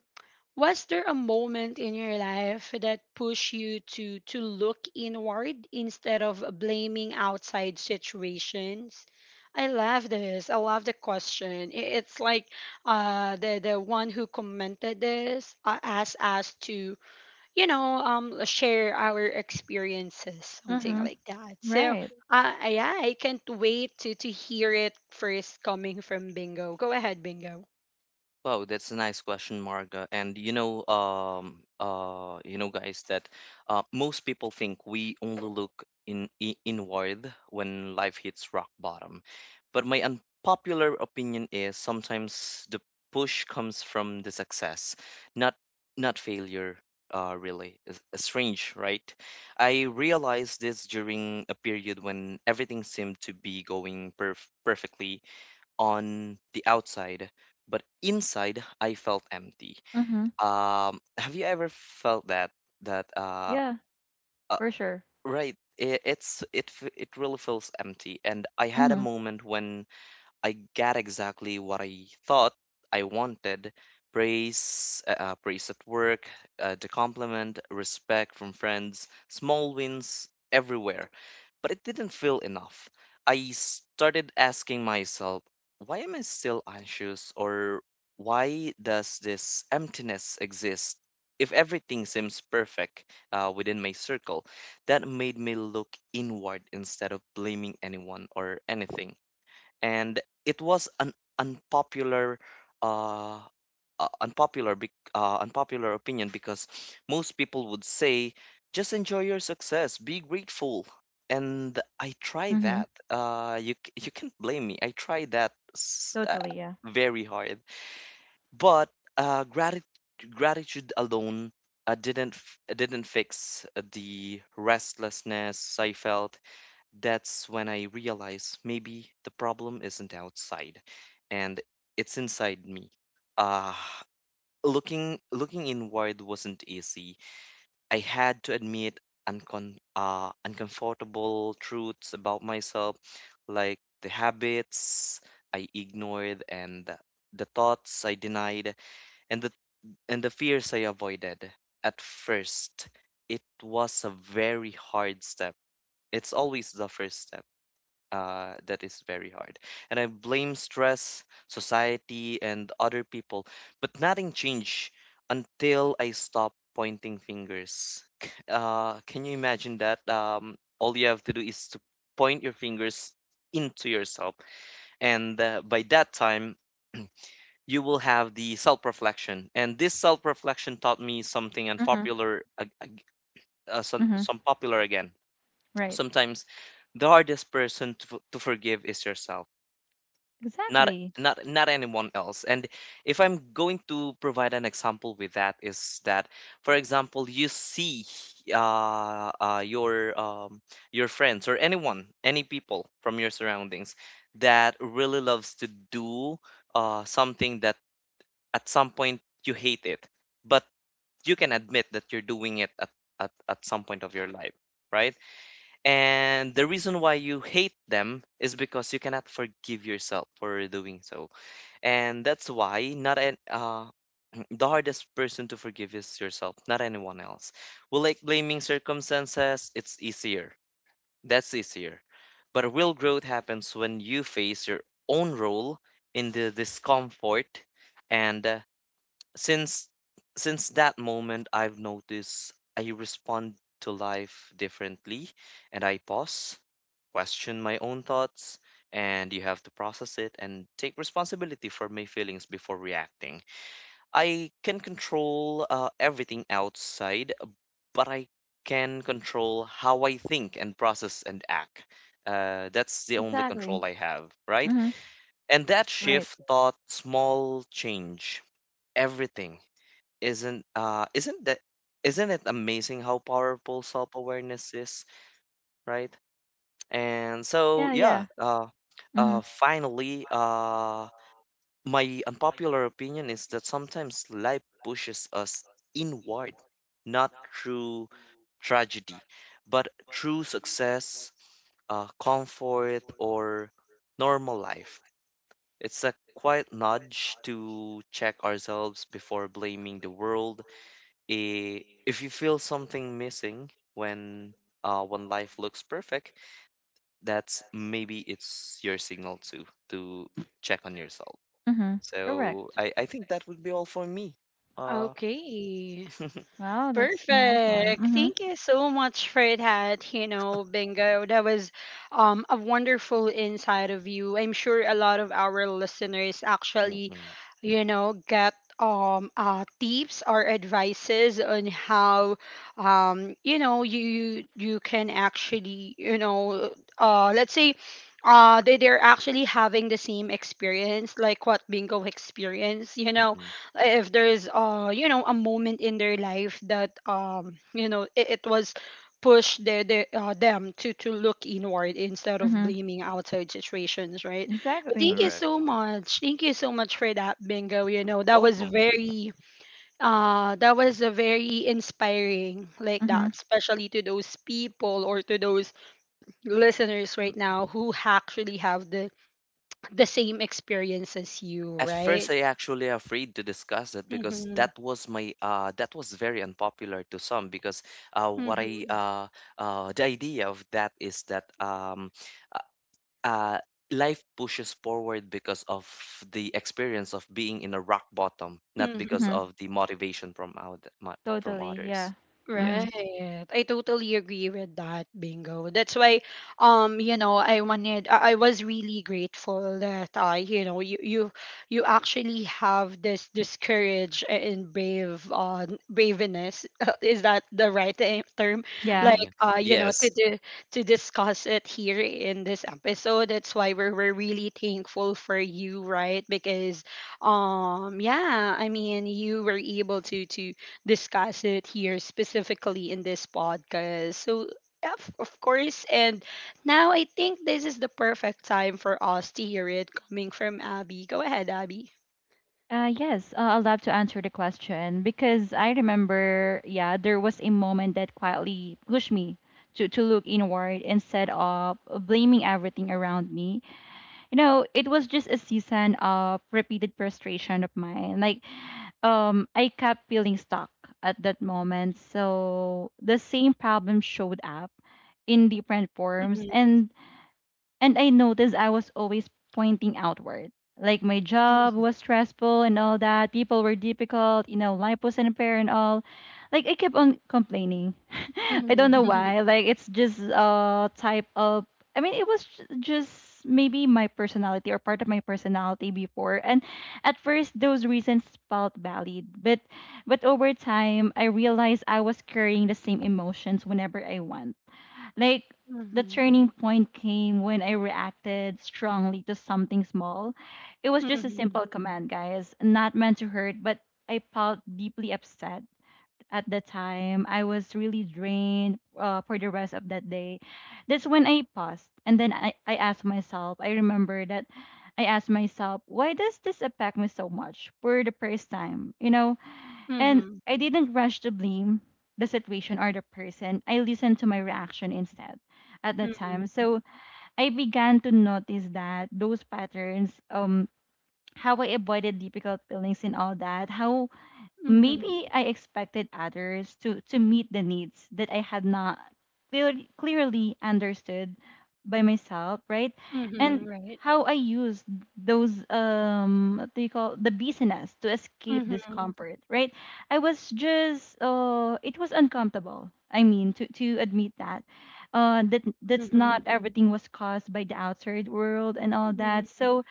Speaker 1: was there a moment in your life that pushed you to to look inward instead of blaming outside situations? I love this. I love the question. I- It's like uh, the the one who commented this uh, asked us to, you know, um, share our experiences, something
Speaker 3: Mhm.
Speaker 1: like that. So,
Speaker 3: Right.
Speaker 1: uh, yeah, I can't wait to to hear it first coming from Bingo. Go ahead, Bingo.
Speaker 2: Wow, that's a nice question, Marga. And you know, um, uh, you know, guys, that uh, most people think we only look in i- inward when life hits rock bottom. But my unpopular opinion is sometimes the push comes from the success, not not failure. Uh, really, it's it's strange, right? I realized this during a period when everything seemed to be going perf perfectly on the outside, but inside I felt empty.
Speaker 3: Mhm.
Speaker 2: Um, have you ever felt that that uh,
Speaker 3: Yeah,
Speaker 2: uh
Speaker 3: for sure.
Speaker 2: right? It, it's it f- it really feels empty, and I had a
Speaker 3: Mhm.
Speaker 2: moment when I got exactly what I thought I wanted: praise, uh, uh, praise at work, uh, the compliment, respect from friends, small wins everywhere. But it didn't feel enough. I started asking myself, why am I still anxious, or why does this emptiness exist? If everything seems perfect uh, within my circle, that made me look inward instead of blaming anyone or anything. And it was an unpopular uh, uh unpopular bec- uh, unpopular opinion because most people would say, just enjoy your success, be grateful. And I try
Speaker 3: Mhm.
Speaker 2: that. Uh you c- you can't blame me, I try that s- uh,
Speaker 3: Totally, yeah.
Speaker 2: very hard. But uh gratitude gratitude alone uh, didn't f- didn't fix the restlessness I felt. That's when I realize maybe the problem isn't outside, and it's inside me. Ah, looking looking inward wasn't easy. I had to admit uncon uh, uncomfortable truths about myself, like the habits I ignored, and the the thoughts I denied, and the and the fears I avoided. At first, it was a very hard step. It's always the first step uh, that is very hard. And I blame stress, society, and other people, but nothing changed until I stopped pointing fingers. C- Uh, can you imagine that? Um, all you have to do is to point your fingers into yourself, and uh, by that time, you will have the self reflection. And this self reflection taught me something
Speaker 3: Mhm.
Speaker 2: unpopular, ag- ag- uh, some,
Speaker 3: Mhm.
Speaker 2: some popular again.
Speaker 3: Right.
Speaker 2: Sometimes the hardest person to, f- to forgive is yourself, not
Speaker 3: Exactly.
Speaker 2: not not anyone else. And if I'm going to provide an example with that, is that, for example, you see uh, uh your um your friends, or anyone, any people from your surroundings that really loves to do uh something that at some point you hate it, but you can admit that you're doing it at at, at some point of your life, right? And the reason why you hate them is because you cannot forgive yourself for doing so. And that's why, not an uh, the hardest person to forgive is yourself, not anyone else. We like blaming circumstances, it's easier. That's easier. But real growth happens when you face your own role in the discomfort. And uh, since since that moment, I've noticed I respond to life differently, and I pause, question my own thoughts, and you have to process it and take responsibility for my feelings before reacting. I can control uh, everything outside, but I can control how I think and process and act. Uh, that's the only
Speaker 3: Exactly.
Speaker 2: control I have, right?
Speaker 3: Mhm.
Speaker 2: And that
Speaker 3: Right.
Speaker 2: shift thought small change everything. Isn't uh isn't that isn't it amazing how powerful self-awareness is, right? And so,
Speaker 3: Yeah, yeah.
Speaker 2: yeah, uh uh
Speaker 3: Mhm.
Speaker 2: finally, uh my unpopular opinion is that sometimes life pushes us inward, not through tragedy, but through success, uh, comfort, or normal life. It's a quiet nudge to check ourselves before blaming the world. Eh, if you feel something missing when uh, when life looks perfect, that's maybe it's your signal to to check on yourself.
Speaker 3: Mhm.
Speaker 2: So
Speaker 3: Correct.
Speaker 2: I, I think that would be all for me. Uh,
Speaker 1: Okay.
Speaker 3: Wow, that's a nice one.
Speaker 1: Perfect.
Speaker 3: Mhm.
Speaker 1: Thank you so much for that, you know, Bingo. That was um, a wonderful insight of you. I'm sure a lot of our listeners actually,
Speaker 2: mm-mm.
Speaker 1: you know, get um, uh, tips or advices on how um, you know, you you can actually, you know, uh, let's say uh, they, they're actually having the same experience like what Bingo experienced, you know,
Speaker 2: Mm-mm.
Speaker 1: if there is uh, you know, a moment in their life that um, you know, it, it was pushed their, their uh, them to to look inward instead of
Speaker 3: Mhm.
Speaker 1: blaming outside situations, right? But thank you
Speaker 3: Exactly.
Speaker 2: Correct.
Speaker 1: so much, thank you so much for that, Bingo. You know, that was
Speaker 2: Welcome.
Speaker 1: very uh, that was a very inspiring, like that,
Speaker 3: Mhm.
Speaker 1: especially to those people or to those listeners right
Speaker 2: Mm-mm.
Speaker 1: now who actually have the the same experience as you,
Speaker 2: At first,
Speaker 1: right?
Speaker 2: I actually afraid to discuss that because
Speaker 1: Mm-hmm.
Speaker 2: that was my uh that was very unpopular to some because uh what I uh uh the idea of that is that um uh, life pushes forward because of the experience of being in a rock bottom, not because
Speaker 3: Mhm.
Speaker 1: Mhm.
Speaker 2: of the motivation from out mo- from
Speaker 3: Totally,
Speaker 2: others.
Speaker 3: yeah.
Speaker 2: Yes.
Speaker 3: Mhm.
Speaker 1: Right. I totally agree with that, Bingo. That's why, um, you know, I wanted, I I was really grateful that, uh, you know, you you you actually have this this courage and brave, uh, braveness. Is that the right te- term?
Speaker 3: Yeah.
Speaker 1: Like,
Speaker 2: Mm,
Speaker 1: uh, you know, to
Speaker 2: yes.
Speaker 1: di- to discuss it here in this episode. That's why we're we're really thankful for you, right? Because, um, yeah, I mean, you were able to to discuss it here specifically in this podcast. So, of of course, and now I think this is the perfect time for us to hear it coming from Abby. Go ahead, Abby.
Speaker 3: Uh, yes, uh, I'd love to answer the question because I remember, yeah, there was a moment that quietly pushed me to, to look inward instead of blaming everything around me. You know, it was just a season of repeated frustration of mine. Like, um, I kept feeling stuck at that moment. So the same problem showed up in different forms.
Speaker 1: Mhm,
Speaker 3: And and I noticed I was always pointing outward. Like my job
Speaker 1: mhm,
Speaker 3: was stressful and all that. People were difficult, you know, life was an and all. Like I kept on complaining. I don't know
Speaker 1: mhm,
Speaker 3: why. Like it's just a type of, I mean it was ju- just maybe my personality or part of my personality before. And at first those reasons felt valid, but but over time I realized I was carrying the same emotions whenever I want. Like the
Speaker 1: mhm,
Speaker 3: turning point came when I reacted strongly to something small. It was just a simple command, guys, not meant to hurt, but I felt deeply upset at the time. I was really drained uh, for the rest of that day. That's when I paused and then I, I asked myself. I remember that I asked myself, why does this affect me so much for the first time? You know, and
Speaker 1: mhm,
Speaker 3: I didn't rush to blame the situation or the person. I listened to my reaction instead at that time.
Speaker 1: mhm,
Speaker 3: So I began to notice that those patterns, um, how I avoided difficult feelings and all that, how
Speaker 1: mhm,
Speaker 3: maybe I expected others to to meet the needs that I had not clear, clearly understood by myself, right?
Speaker 1: mhm, mhm,
Speaker 3: And
Speaker 1: right.
Speaker 3: how I used those um, what do you call the business to escape
Speaker 1: Mhm,
Speaker 3: discomfort, right? I was just uh, it was uncomfortable. I mean, to to admit that. Uh, that that's not
Speaker 1: mhm,
Speaker 3: everything was caused by the outside world and all that.
Speaker 1: mhm,
Speaker 3: So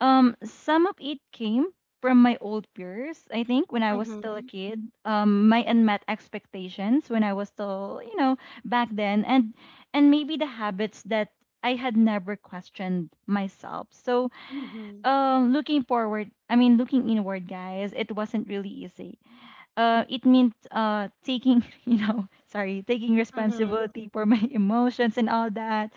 Speaker 3: um, some of it came from my old peers. I think when I was
Speaker 1: mhm,
Speaker 3: still a
Speaker 1: mhm,
Speaker 3: kid, um, my unmet expectations when I was still, you know, back then, and and maybe the habits that I had never questioned myself. So,
Speaker 1: mhm,
Speaker 3: um, looking forward, I mean, looking inward, guys, it wasn't really easy. Uh, it meant uh, taking, you know, sorry, taking
Speaker 1: mhm,
Speaker 3: responsibility for my emotions and all that,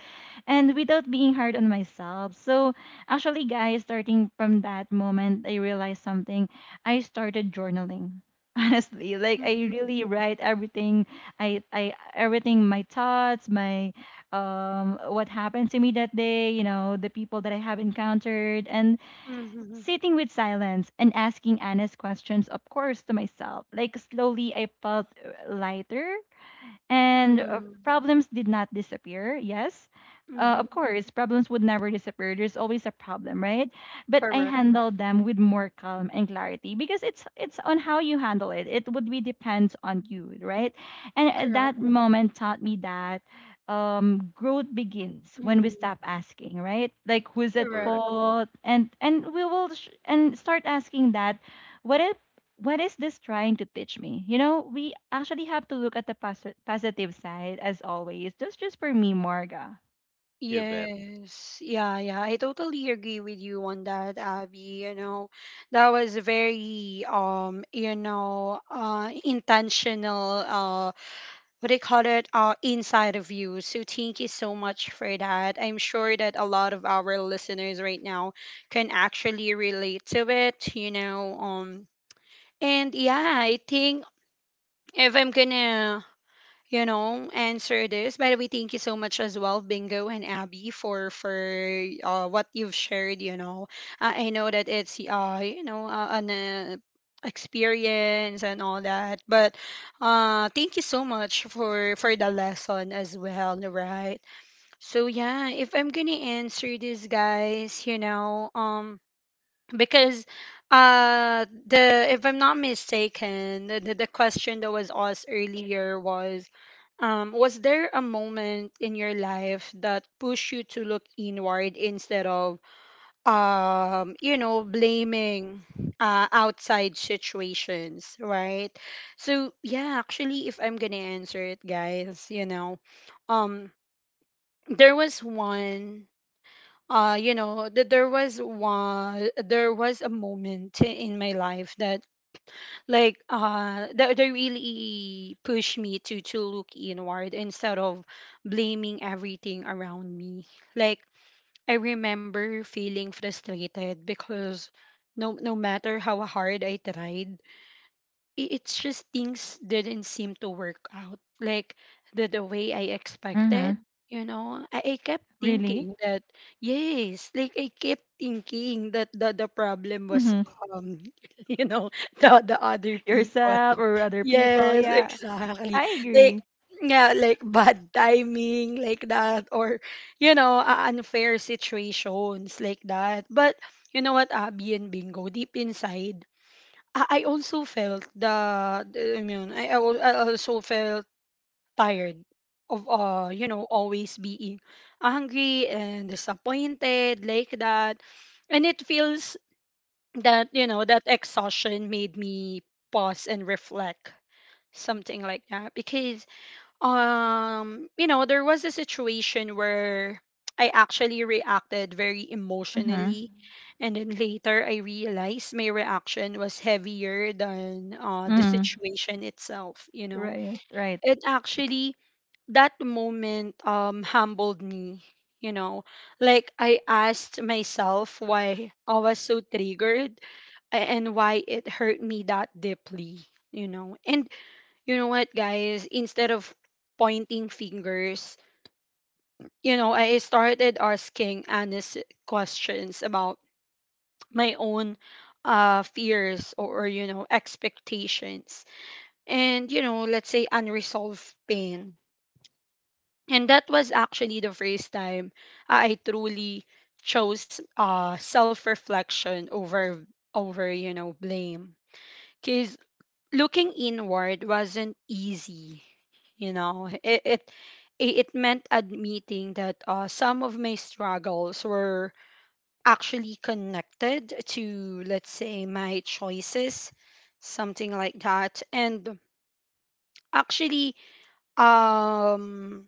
Speaker 3: and without being hard on myself. So, actually, guys, starting from that moment, I realized something. I started journaling. Honestly, like I really write everything. I, I everything, my thoughts, my um, what happened to me that day. You know, the people that I have encountered, and
Speaker 1: mhm,
Speaker 3: sitting with silence and asking honest questions, of course, to myself. Like slowly, I felt uh, lighter. And uh,
Speaker 1: mhm,
Speaker 3: problems did not disappear, yes. Uh,
Speaker 1: mhm.
Speaker 3: of course, problems would never disappear. There's always a problem, right? But I
Speaker 1: Correct.
Speaker 3: handled them with more calm and clarity because it's it's on how you handle it. It would be depends on you, right? And at that
Speaker 1: Correct.
Speaker 3: moment taught me that um growth begins when we
Speaker 1: Mhm,
Speaker 3: stop asking, right, like who's at
Speaker 1: correct.
Speaker 2: Correct.
Speaker 3: fault, and and we will sh- and start asking that, what if, what is this trying to teach me? You know, we actually have to look at the pos- positive side as always. That's just for me, Marga.
Speaker 2: You bet.
Speaker 1: Yes. Yeah, yeah. I totally agree with you on that, Abby. You know, that was very um, you know, uh, intentional uh, what do you call it? Uh, inside of you. So thank you so much for that. I'm sure that a lot of our listeners right now can actually relate to it, you know. Um, and yeah, I think if I'm gonna, you know, answer this. By the way, thank you so much as well, Bingo and Abby, for for uh, what you've shared. You know, I I know that it's uh, you know, uh, an uh, experience and all that, but uh, thank you so much for for the lesson as well, right? So yeah, if I'm gonna answer this, guys, you know, um, because uh, the if I'm not mistaken, the, the the question that was asked earlier was um, was there a moment in your life that pushed you to look inward instead of um, you know, blaming uh, outside situations, right? So yeah, actually, if I'm gonna answer it, guys, you know, um, there was one uh, you know, that there was one there was a moment in my life that, like uh, that, that really pushed me to to look inward instead of blaming everything around me. Like I remember feeling frustrated because no no matter how hard I tried, i- it's just things didn't seem to work out like the, the way I
Speaker 3: Mm-hmm.
Speaker 1: expected. You know, I, I kept
Speaker 3: Really?
Speaker 1: thinking that yes, like I kept thinking that the, the problem was
Speaker 3: Hmm.
Speaker 1: um, you know, the the other people.
Speaker 3: Yourself or other people.
Speaker 1: Yes,
Speaker 3: Yeah,
Speaker 1: exactly.
Speaker 3: I
Speaker 1: Like
Speaker 3: agree.
Speaker 1: yeah, like bad timing, like that, or you know, uh, unfair situations, like that. But you know what, Abby and Bingo, deep inside I I also felt the, the I mean I, I al- I also felt tired of uh you know always being hungry and disappointed like that. And it feels that you know that exhaustion made me pause and reflect something like that. Because um you know there was a situation where I actually reacted very
Speaker 3: Mm-hmm.
Speaker 1: emotionally, and then later I realized my reaction was heavier than uh, the
Speaker 3: Mm-hmm.
Speaker 1: situation itself you know
Speaker 3: Right, right.
Speaker 1: It actually, that moment, um humbled me, you know, like I asked myself why I was so triggered a- and why it hurt me that deeply, you know. And you know what, guys? Instead of pointing fingers, you know, I started asking honest questions about my own uh, fears or, or, you know, expectations and, you know, let's say unresolved pain. And that was actually the first time I truly chose uh, self reflection over, over, you know, blame. Because looking inward wasn't easy you know it it i- it meant admitting that uh, some of my struggles were actually connected to, let's say, my choices, something like that. And actually, um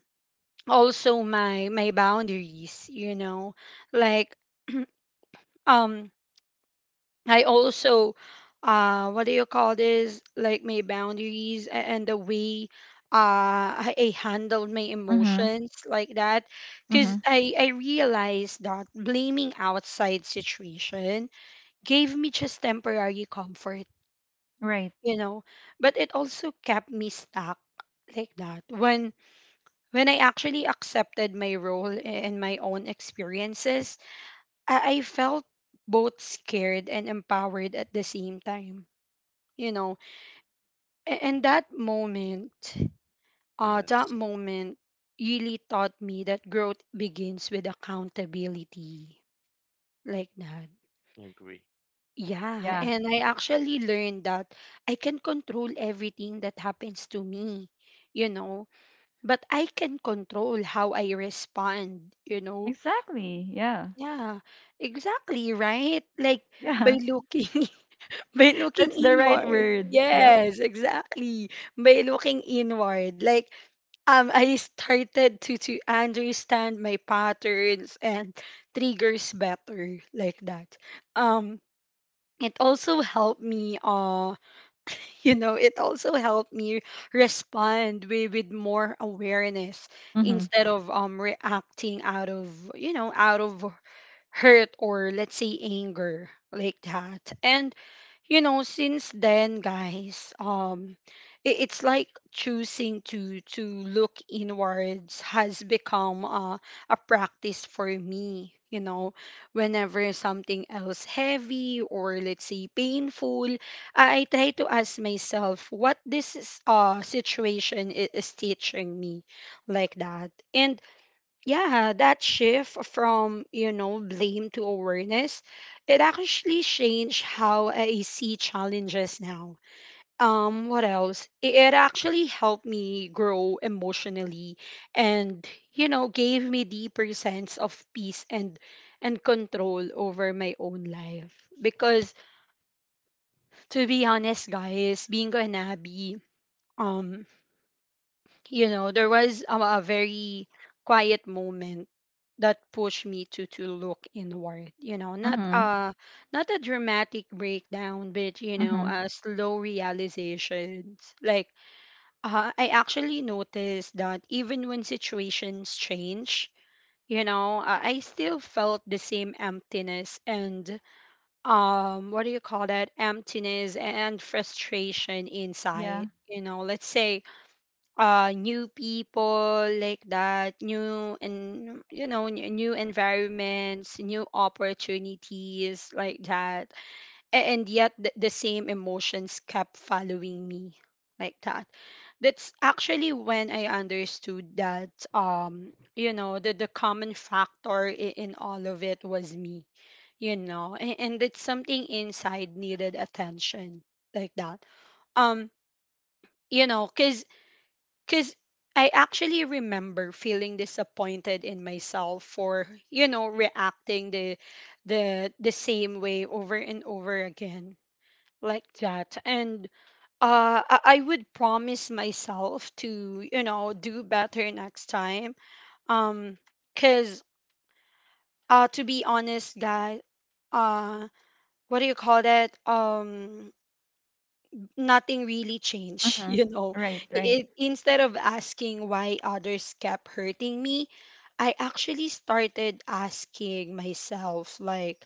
Speaker 1: also my my boundaries, you know. Like, um I also, uh, what do you call this? Like my boundaries a- and the way uh, I I handled my
Speaker 3: Mm-hmm.
Speaker 1: emotions like that. Because
Speaker 3: Mm-hmm.
Speaker 1: I, I realized that blaming outside situation gave me just temporary comfort,
Speaker 3: Right.
Speaker 1: you know, but it also kept me stuck like that. When when I actually accepted my role a- and my own experiences, I, I felt both scared and empowered at the same time, you know. A- and that moment, uh that
Speaker 2: Yes.
Speaker 1: moment really taught me that growth begins with accountability, like that.
Speaker 2: I agree.
Speaker 1: Yeah,
Speaker 3: Yeah,
Speaker 1: and I actually learned that I can control everything that happens to me, you know, but I can control how I respond, you know.
Speaker 3: exactly. Yeah,
Speaker 1: Yeah, exactly, right, like by
Speaker 3: yeah.
Speaker 1: looking By looking
Speaker 3: That's the right
Speaker 1: inward.
Speaker 3: word. Yep.
Speaker 1: Yes, exactly. By looking inward. Like, um I started to to understand my patterns and triggers better, like that. Um it also helped me uh you know it also helped me respond with, with more awareness
Speaker 3: Hmm.
Speaker 1: instead of um reacting out of, you know, out of hurt or, let's say, anger, like that. And, you know, since then, guys, um i- it's like choosing to to look inwards has become uh, a practice for me, you know. Whenever something else heavy or, let's say, painful, i, I try to ask myself what this is, uh situation i- is teaching me, like that. And yeah, that shift from, you know, blame to awareness, it actually changed how I see challenges now. Um, what else? It, it actually helped me grow emotionally and, you know, gave me deeper sense of peace and and control over my own life. Because to be honest, guys, being an Abby, um you know, there was a, a very quiet moment that pushed me to to look inward. You know, not
Speaker 3: Mm-hmm.
Speaker 1: a not a dramatic breakdown, but, you know,
Speaker 3: Mm-hmm.
Speaker 1: a slow realizations. Like, uh, I actually noticed that even when situations change, you know, uh, I still felt the same emptiness and um, what do you call that? Emptiness and frustration
Speaker 3: Yeah.
Speaker 1: inside. You know, let's say uh new people like that, new and, you know, n- new environments, new opportunities, like that. A- and yet the, the same emotions kept following me, like that. That's actually when I understood that, um you know, the, the common factor in, in all of it was me, you know, and, and it's something inside needed attention, like that. um you know, because because I actually remember feeling disappointed in myself for, you know, reacting the the the same way over and over again, like that. And uh I I would promise myself to, you know, do better next time. Um cuz uh to be honest, guys, uh what do you call that? Um nothing really changed,
Speaker 3: Mm-hmm.
Speaker 1: you know.
Speaker 3: Right, right.
Speaker 1: It, instead of asking why others kept hurting me, I actually started asking myself, like,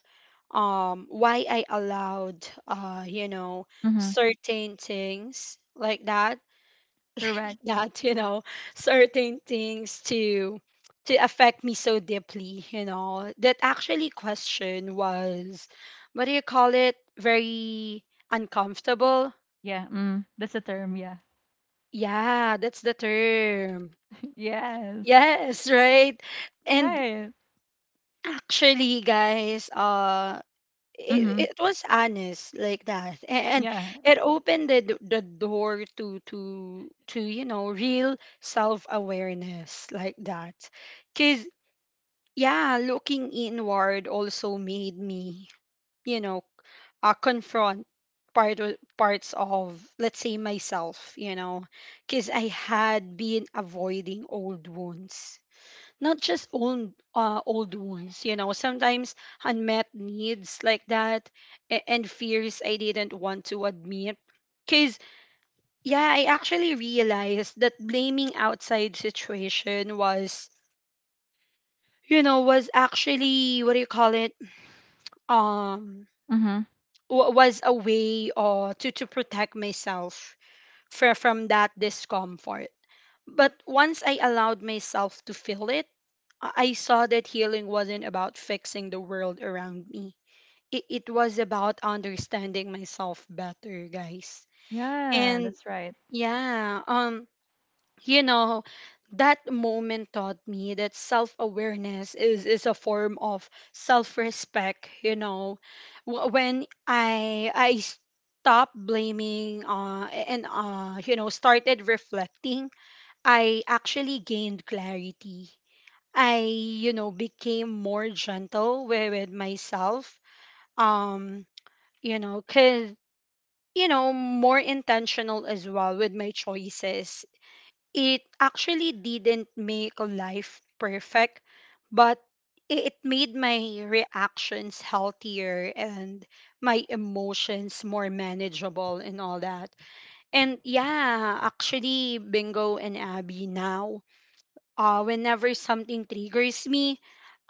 Speaker 1: um why I allowed, uh you know,
Speaker 3: Mm-hmm.
Speaker 1: certain things like that,
Speaker 3: Correct.
Speaker 1: that you know, certain things to to affect me so deeply, you know. That actually question was, what do you call it? Very uncomfortable.
Speaker 3: Yeah, mm, that's the term. Yeah.
Speaker 1: Yeah, that's the term.
Speaker 3: Yes.
Speaker 1: Yes, right. And
Speaker 3: Right.
Speaker 1: actually, guys, uh,
Speaker 3: Mm-hmm.
Speaker 1: it, it was honest like that. A- and
Speaker 3: Yeah.
Speaker 1: it opened the, d- the door to to to you know, real self awareness, like that. Cause yeah, looking inward also made me, you know, uh, confront part o- parts of, let's say, myself, you know. Because I had been avoiding old wounds, not just old uh, old wounds, you know. Sometimes unmet needs like that, a- and fears I didn't want to admit. Because yeah, I actually realized that blaming outside situation was, you know, was actually what do you call it, um
Speaker 3: Mm-hmm.
Speaker 1: wa- was a way, uh, to to protect myself fr- from that discomfort. But once I allowed myself to feel it, I I saw that healing wasn't about fixing the world around me. It, it was about understanding myself better, guys.
Speaker 3: Yeah,
Speaker 1: And
Speaker 3: that's right.
Speaker 1: yeah, um you know, that moment taught me that self-awareness is is a form of self-respect, you know. Wh- when i i stopped blaming uh and uh you know, started reflecting, I actually gained clarity. I, you know, became more gentle with, with myself, um you know. Cuz, you know, more intentional as well with my choices. It actually didn't make life perfect, but i- it made my reactions healthier and my emotions more manageable and all that. And yeah, actually, Bingo and Abby, now, uh, whenever something triggers me,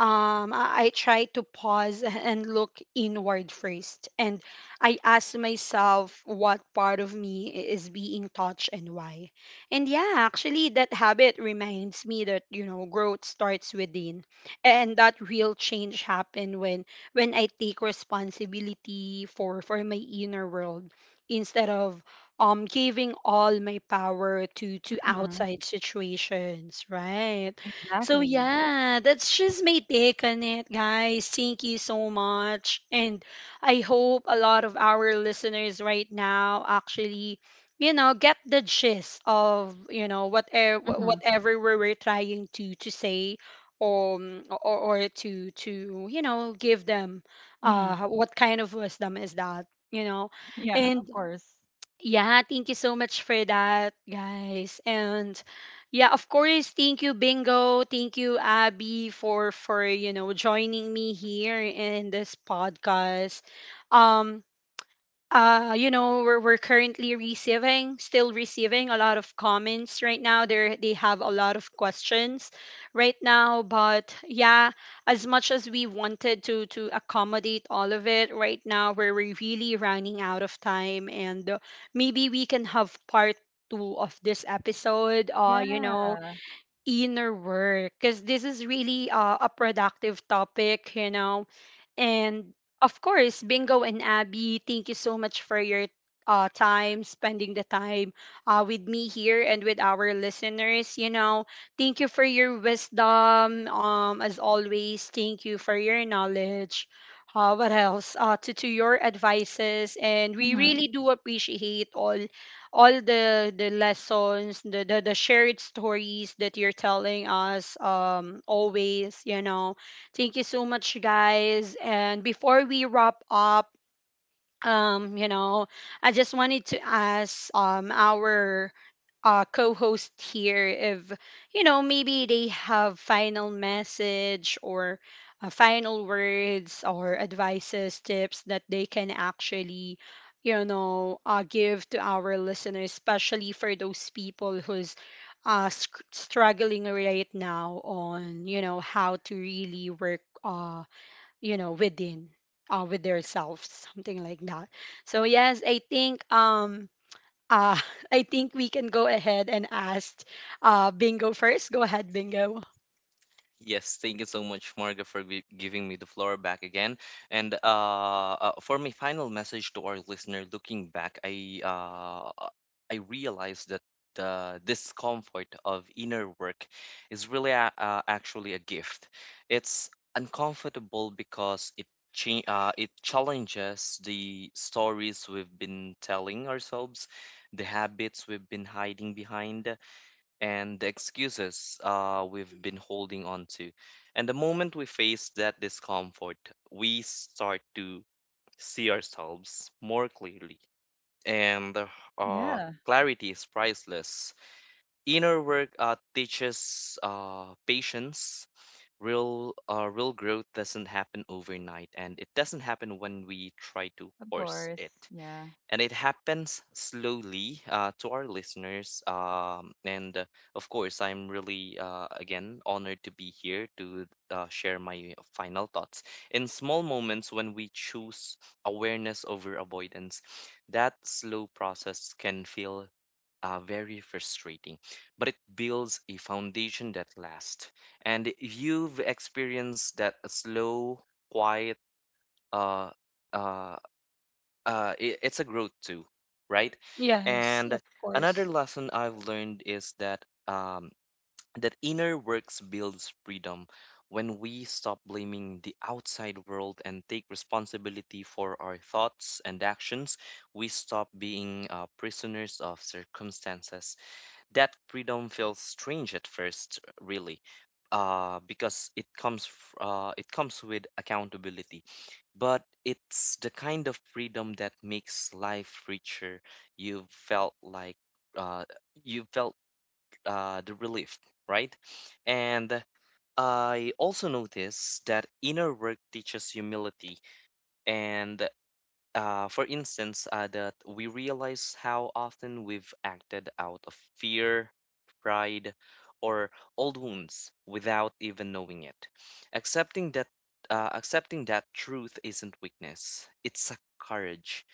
Speaker 1: um, I, I try to pause and look inward first. And I ask myself what part of me is being touched and why. And yeah, actually, that habit reminds me that, you know, growth starts within. And that real change happen when when I take responsibility for, for my inner world instead of um giving all my power to to
Speaker 3: Mm-hmm.
Speaker 1: outside situations, right? So
Speaker 3: Exactly.
Speaker 1: yeah, that's just my take on it, guys. Thank you so much. And I hope a lot of our listeners right now actually, you know, get the gist of, you know, whatever
Speaker 3: Mm-hmm.
Speaker 1: whatever we were trying to to say, um, or or to to you know, give them
Speaker 3: Mm-hmm.
Speaker 1: uh what kind of wisdom is that, you know.
Speaker 3: Yeah, of
Speaker 1: And
Speaker 3: course.
Speaker 1: yeah, thank you so much for that, guys. And yeah, of course, thank you Bingo, thank you Abby for for you know, joining me here in this podcast. Um uh, you know, we're, we're currently receiving, still receiving a lot of comments right now. They they have a lot of questions right now, but yeah, as much as we wanted to to accommodate all of it, right now we're we're really running out of time, and, uh, maybe we can have part two of this episode. Uh, you
Speaker 3: Yeah.
Speaker 1: know, inner work, because this is really, uh, a productive topic, you know. And of course, Bingo and Abby, thank you so much for your uh, time, spending the time uh, with me here and with our listeners. You know, thank you for your wisdom. Um, as always, thank you for your knowledge. Uh, what else? Uh, to, to your advices. And we
Speaker 3: Mm-hmm.
Speaker 1: really do appreciate all all the the lessons, the, the the shared stories that you're telling us, um always, you know. Thank you so much, guys, and before we wrap up, um you know, I just wanted to ask, um our uh, co-host here if, you know, maybe they have final message or, uh, final words or advices, tips that they can actually, you know, uh, give to our listeners, especially for those people who's, uh, sc- struggling right now on, you know, how to really work, uh, you know, within, uh, with themselves, something like that. So yes, I think, um uh, I think we can go ahead and ask, uh, Bingo first. Go ahead, Bingo.
Speaker 2: Yes, thank you so much, Marga, for gi- giving me the floor back again. And, uh, uh, for my final message to our listener, looking back, I uh, uh, I realized that the discomfort of inner work is really a, uh, actually a gift. It's uncomfortable because it cha- uh, it challenges the stories we've been telling ourselves, the habits we've been hiding behind, and the excuses uh, we've been holding on to. And the moment we face that discomfort, we start to see ourselves more clearly. And uh,
Speaker 3: Yeah,
Speaker 2: clarity is priceless. Inner work uh, teaches uh, patience. Real, uh, real growth doesn't happen overnight, and it doesn't happen when we try to
Speaker 3: of
Speaker 2: force
Speaker 3: course.
Speaker 2: it,
Speaker 3: Yeah.
Speaker 2: and it happens slowly, uh, to our listeners. Um, and uh, Of course, I'm really, uh, again, honored to be here to uh, share my final thoughts. In small moments when we choose awareness over avoidance, that slow process can feel uh, very frustrating, but it builds a foundation that lasts. And if you've experienced that slow, quiet, uh, uh, uh, i- it's a growth too, right?
Speaker 1: Yes,
Speaker 2: And
Speaker 1: of course.
Speaker 2: another lesson I've learned is that um, that inner works builds freedom. When we stop blaming the outside world and take responsibility for our thoughts and actions, we stop being uh, prisoners of circumstances. That freedom feels strange at first, really, uh, because it comes f- uh, it comes with accountability, but it's the kind of freedom that makes life richer. You felt like uh, you felt uh, the relief, right? And I also notice that inner work teaches humility. And uh, for instance, uh, that we realize how often we've acted out of fear, pride, or old wounds without even knowing it. Accepting that uh, accepting that truth isn't weakness; it's a courage,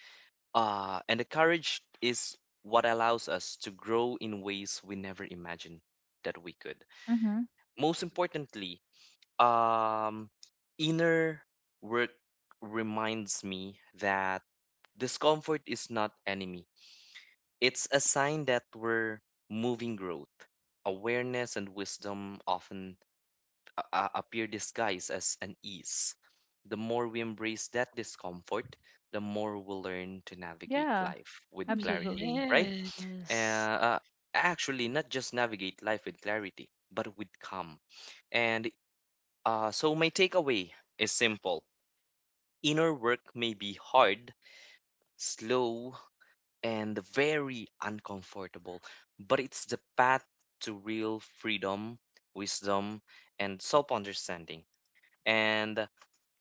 Speaker 2: uh, and the courage is what allows us to grow in ways we never imagined that we could.
Speaker 3: Mm-hmm.
Speaker 2: Most importantly, um, inner work reminds me that. Discomfort is not enemy. It's a sign that we're moving growth. Awareness and wisdom often a- a- appear disguised as an ease. The more we embrace that discomfort, the more we'll learn to navigate
Speaker 3: Yeah.
Speaker 2: life with clarity,
Speaker 3: Absolutely.
Speaker 2: right? Uh,
Speaker 1: Yes.
Speaker 2: uh, Actually, not just navigate life with clarity, but with calm. And uh, so my takeaway is simple. Inner work may be hard, slow, and very uncomfortable, but it's the path to real freedom, wisdom, and self understanding. And uh,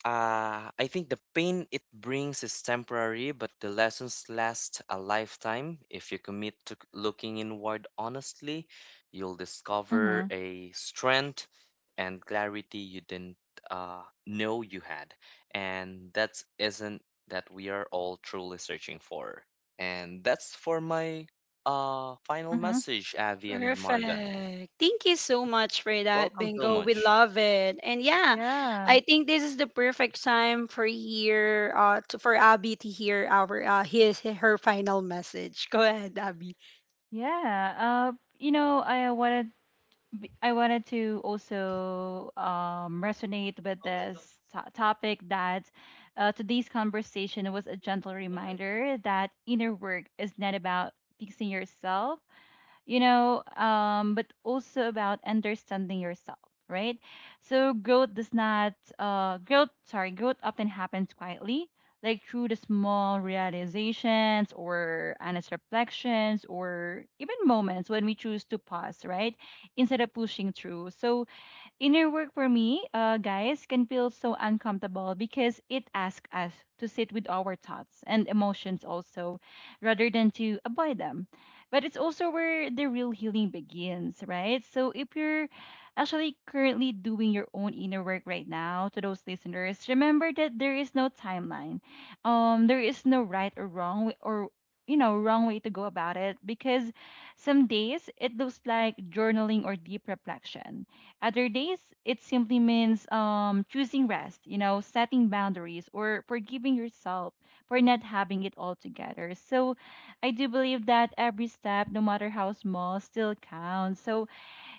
Speaker 2: I think the pain it brings is temporary, but the lessons last a lifetime. If you commit to c- looking inward honestly, you'll discover
Speaker 3: Mm-hmm.
Speaker 2: a strength and clarity you didn't uh, know you had. And that isn't that we are all truly searching for. And that's for my uh, final
Speaker 3: Mm-hmm.
Speaker 2: message, Avi and Marga.
Speaker 1: Perfect. Thank you so much for that,
Speaker 2: Welcome so
Speaker 1: Bingo. We
Speaker 2: much.
Speaker 1: love it. And yeah,
Speaker 3: Yeah.
Speaker 1: I think this is the perfect time for here uh to, for Abby to hear our, uh his, her final message. Go ahead, Abby.
Speaker 3: Yeah. Uh, you know, I uh, wanted b- I wanted to also um, resonate with this to- topic that uh, today's conversation was a gentle reminder that inner work is not about fixing yourself, you know, um, but also about understanding yourself, right? So growth does not, uh, growth, sorry, growth often happens quietly, like through the small realizations or honest reflections, or even moments when we choose to pause, right? Instead of pushing through. So inner work for me, uh, guys, can feel so uncomfortable because it asks us to sit with our thoughts and emotions also, rather than to avoid them. But it's also where the real healing begins, right? So if you're actually currently doing your own inner work right now, to those listeners, remember that there is no timeline. Um, there is no right or wrong way, or you know wrong way to go about it, because some days it looks like journaling or deep reflection, other days it simply means um, choosing rest, you know, setting boundaries, or forgiving yourself for not having it all together. So I do believe that every step, no matter how small, still counts. So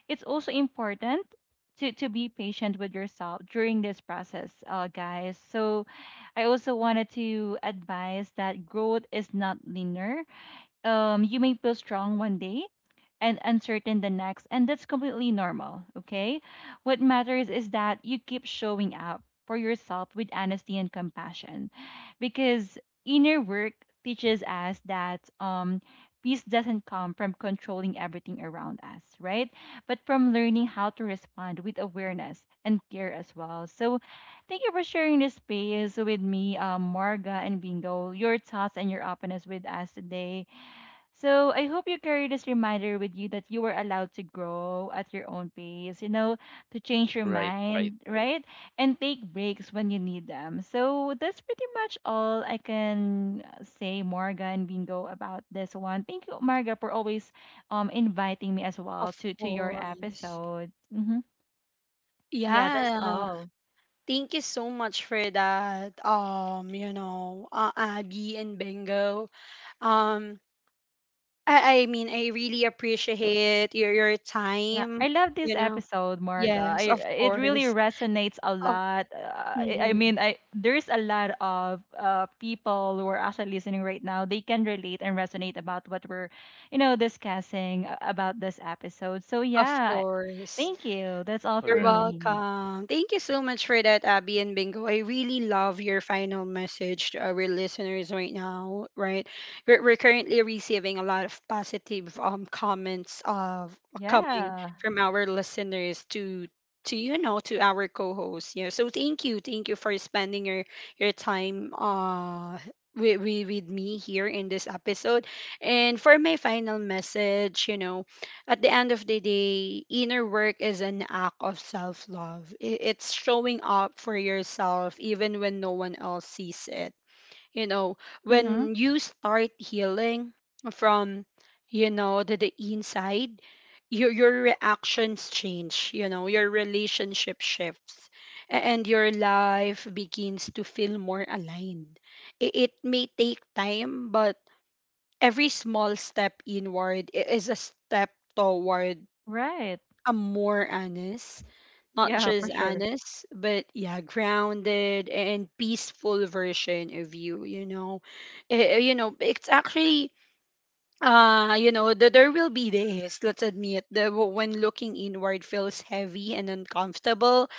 Speaker 3: it's also important to, to be patient with yourself during this process, uh, guys. So I also wanted to advise that growth is not linear. Um, you may feel strong one day and uncertain the next, and that's completely normal, okay? What matters is that you keep showing up for yourself with honesty and compassion, because inner work teaches us that um peace doesn't come from controlling everything around us, right? But from learning how to respond with awareness and care as well. So thank you for sharing this space with me, um, Marga and Bingo, your thoughts and your openness with us today. So I hope you carry this reminder with you, that you were allowed to grow at your own pace, you know, to change your
Speaker 2: Right, right,
Speaker 3: mind, right? And take breaks when you need them. So that's pretty much all I can uh, say, Marga and Bingo, about this one. Thank you, Marga, for always um inviting me as well
Speaker 1: Of
Speaker 3: to, to your
Speaker 1: course.
Speaker 3: episode. Hmm. Yeah, that's
Speaker 1: Yeah.
Speaker 3: all.
Speaker 1: Thank you so much for that. Um, you know, uh, Abby and Bingo. Um, I, I mean, I really appreciate your your
Speaker 3: Yeah, I
Speaker 1: time.
Speaker 3: love this
Speaker 1: You know,
Speaker 3: episode, Marga.
Speaker 1: yes,
Speaker 3: I
Speaker 1: of
Speaker 3: It really
Speaker 1: course,
Speaker 3: resonates a
Speaker 1: of
Speaker 3: lot. Uh, I, I
Speaker 1: mhm,
Speaker 3: mean, I there's a lot of uh, people who are actually listening right now. They can relate and resonate about what we're, you know, discussing a- about this episode. So
Speaker 1: of
Speaker 3: yeah,
Speaker 1: course.
Speaker 3: thank you. That's all
Speaker 1: You're
Speaker 3: for
Speaker 2: correct.
Speaker 3: me.
Speaker 1: welcome. Thank you so much for that, Abby and Bingo. I really love your final message to our listeners right now, right? We're, we're currently receiving a lot of positive, um comments of coming
Speaker 3: Yeah.
Speaker 1: from our listeners to to you know, to our co-hosts. Yeah. So thank you. Thank you for spending your your time uh with, with, with me here in this episode. And for my final message, you know, at the end of the day, inner work is an act of self love. It's showing up for yourself even when no one else sees it. You know,
Speaker 3: Mhm.
Speaker 1: when you start healing from, you know, the, the inside, your, your reactions change, you know, your relationship shifts, a- and your life begins to feel more aligned. It, it may take time, but every small step inward i- is a step toward,
Speaker 3: Right.
Speaker 1: I'm more honest, not
Speaker 3: Yeah,
Speaker 1: just
Speaker 3: for sure.
Speaker 1: honest, but yeah, grounded and peaceful version of you, you know. Eh, eh, you know, it's actually, uh, you know, the, there will be days, let's admit, that w- when looking inward feels heavy and uncomfortable,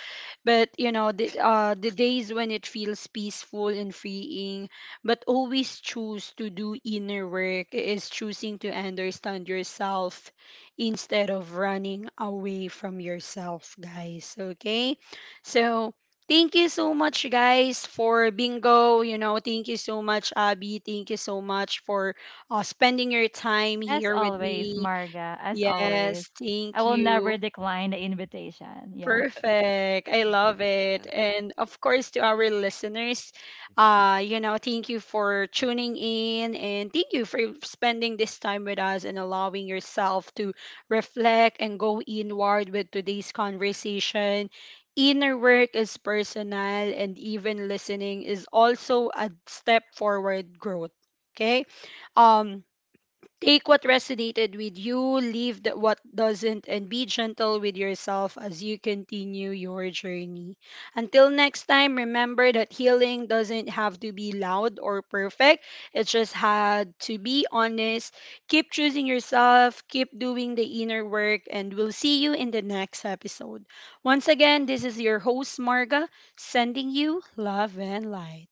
Speaker 1: but you know the uh the days when it feels peaceful and freeing, but always choose to do inner work is choosing to understand yourself instead of running away from yourself, guys. Okay? So thank you so much, guys, for Bingo, you know, thank you so much Abby, thank you so much for, uh, spending your time
Speaker 3: As
Speaker 1: here with
Speaker 3: always,
Speaker 1: me.
Speaker 3: Marga. As
Speaker 1: Yes,
Speaker 3: always, I
Speaker 1: thank
Speaker 3: will never
Speaker 1: you.
Speaker 3: decline the invitation. Yeah.
Speaker 1: Perfect. I love it. And of course, to our listeners, uh, you know, thank you for tuning in and thank you for spending this time with us and allowing yourself to reflect and go inward with today's conversation. Inner work is personal, and even listening is also a step forward growth. Okay. Um, take what resonated with you, leave th- what doesn't, and be gentle with yourself as you continue your journey. Until next time, remember that healing doesn't have to be loud or perfect. It just had to be honest. Keep choosing yourself, keep doing the inner work, and we'll see you in the next episode. Once again, this is your host, Marga, sending you love and light.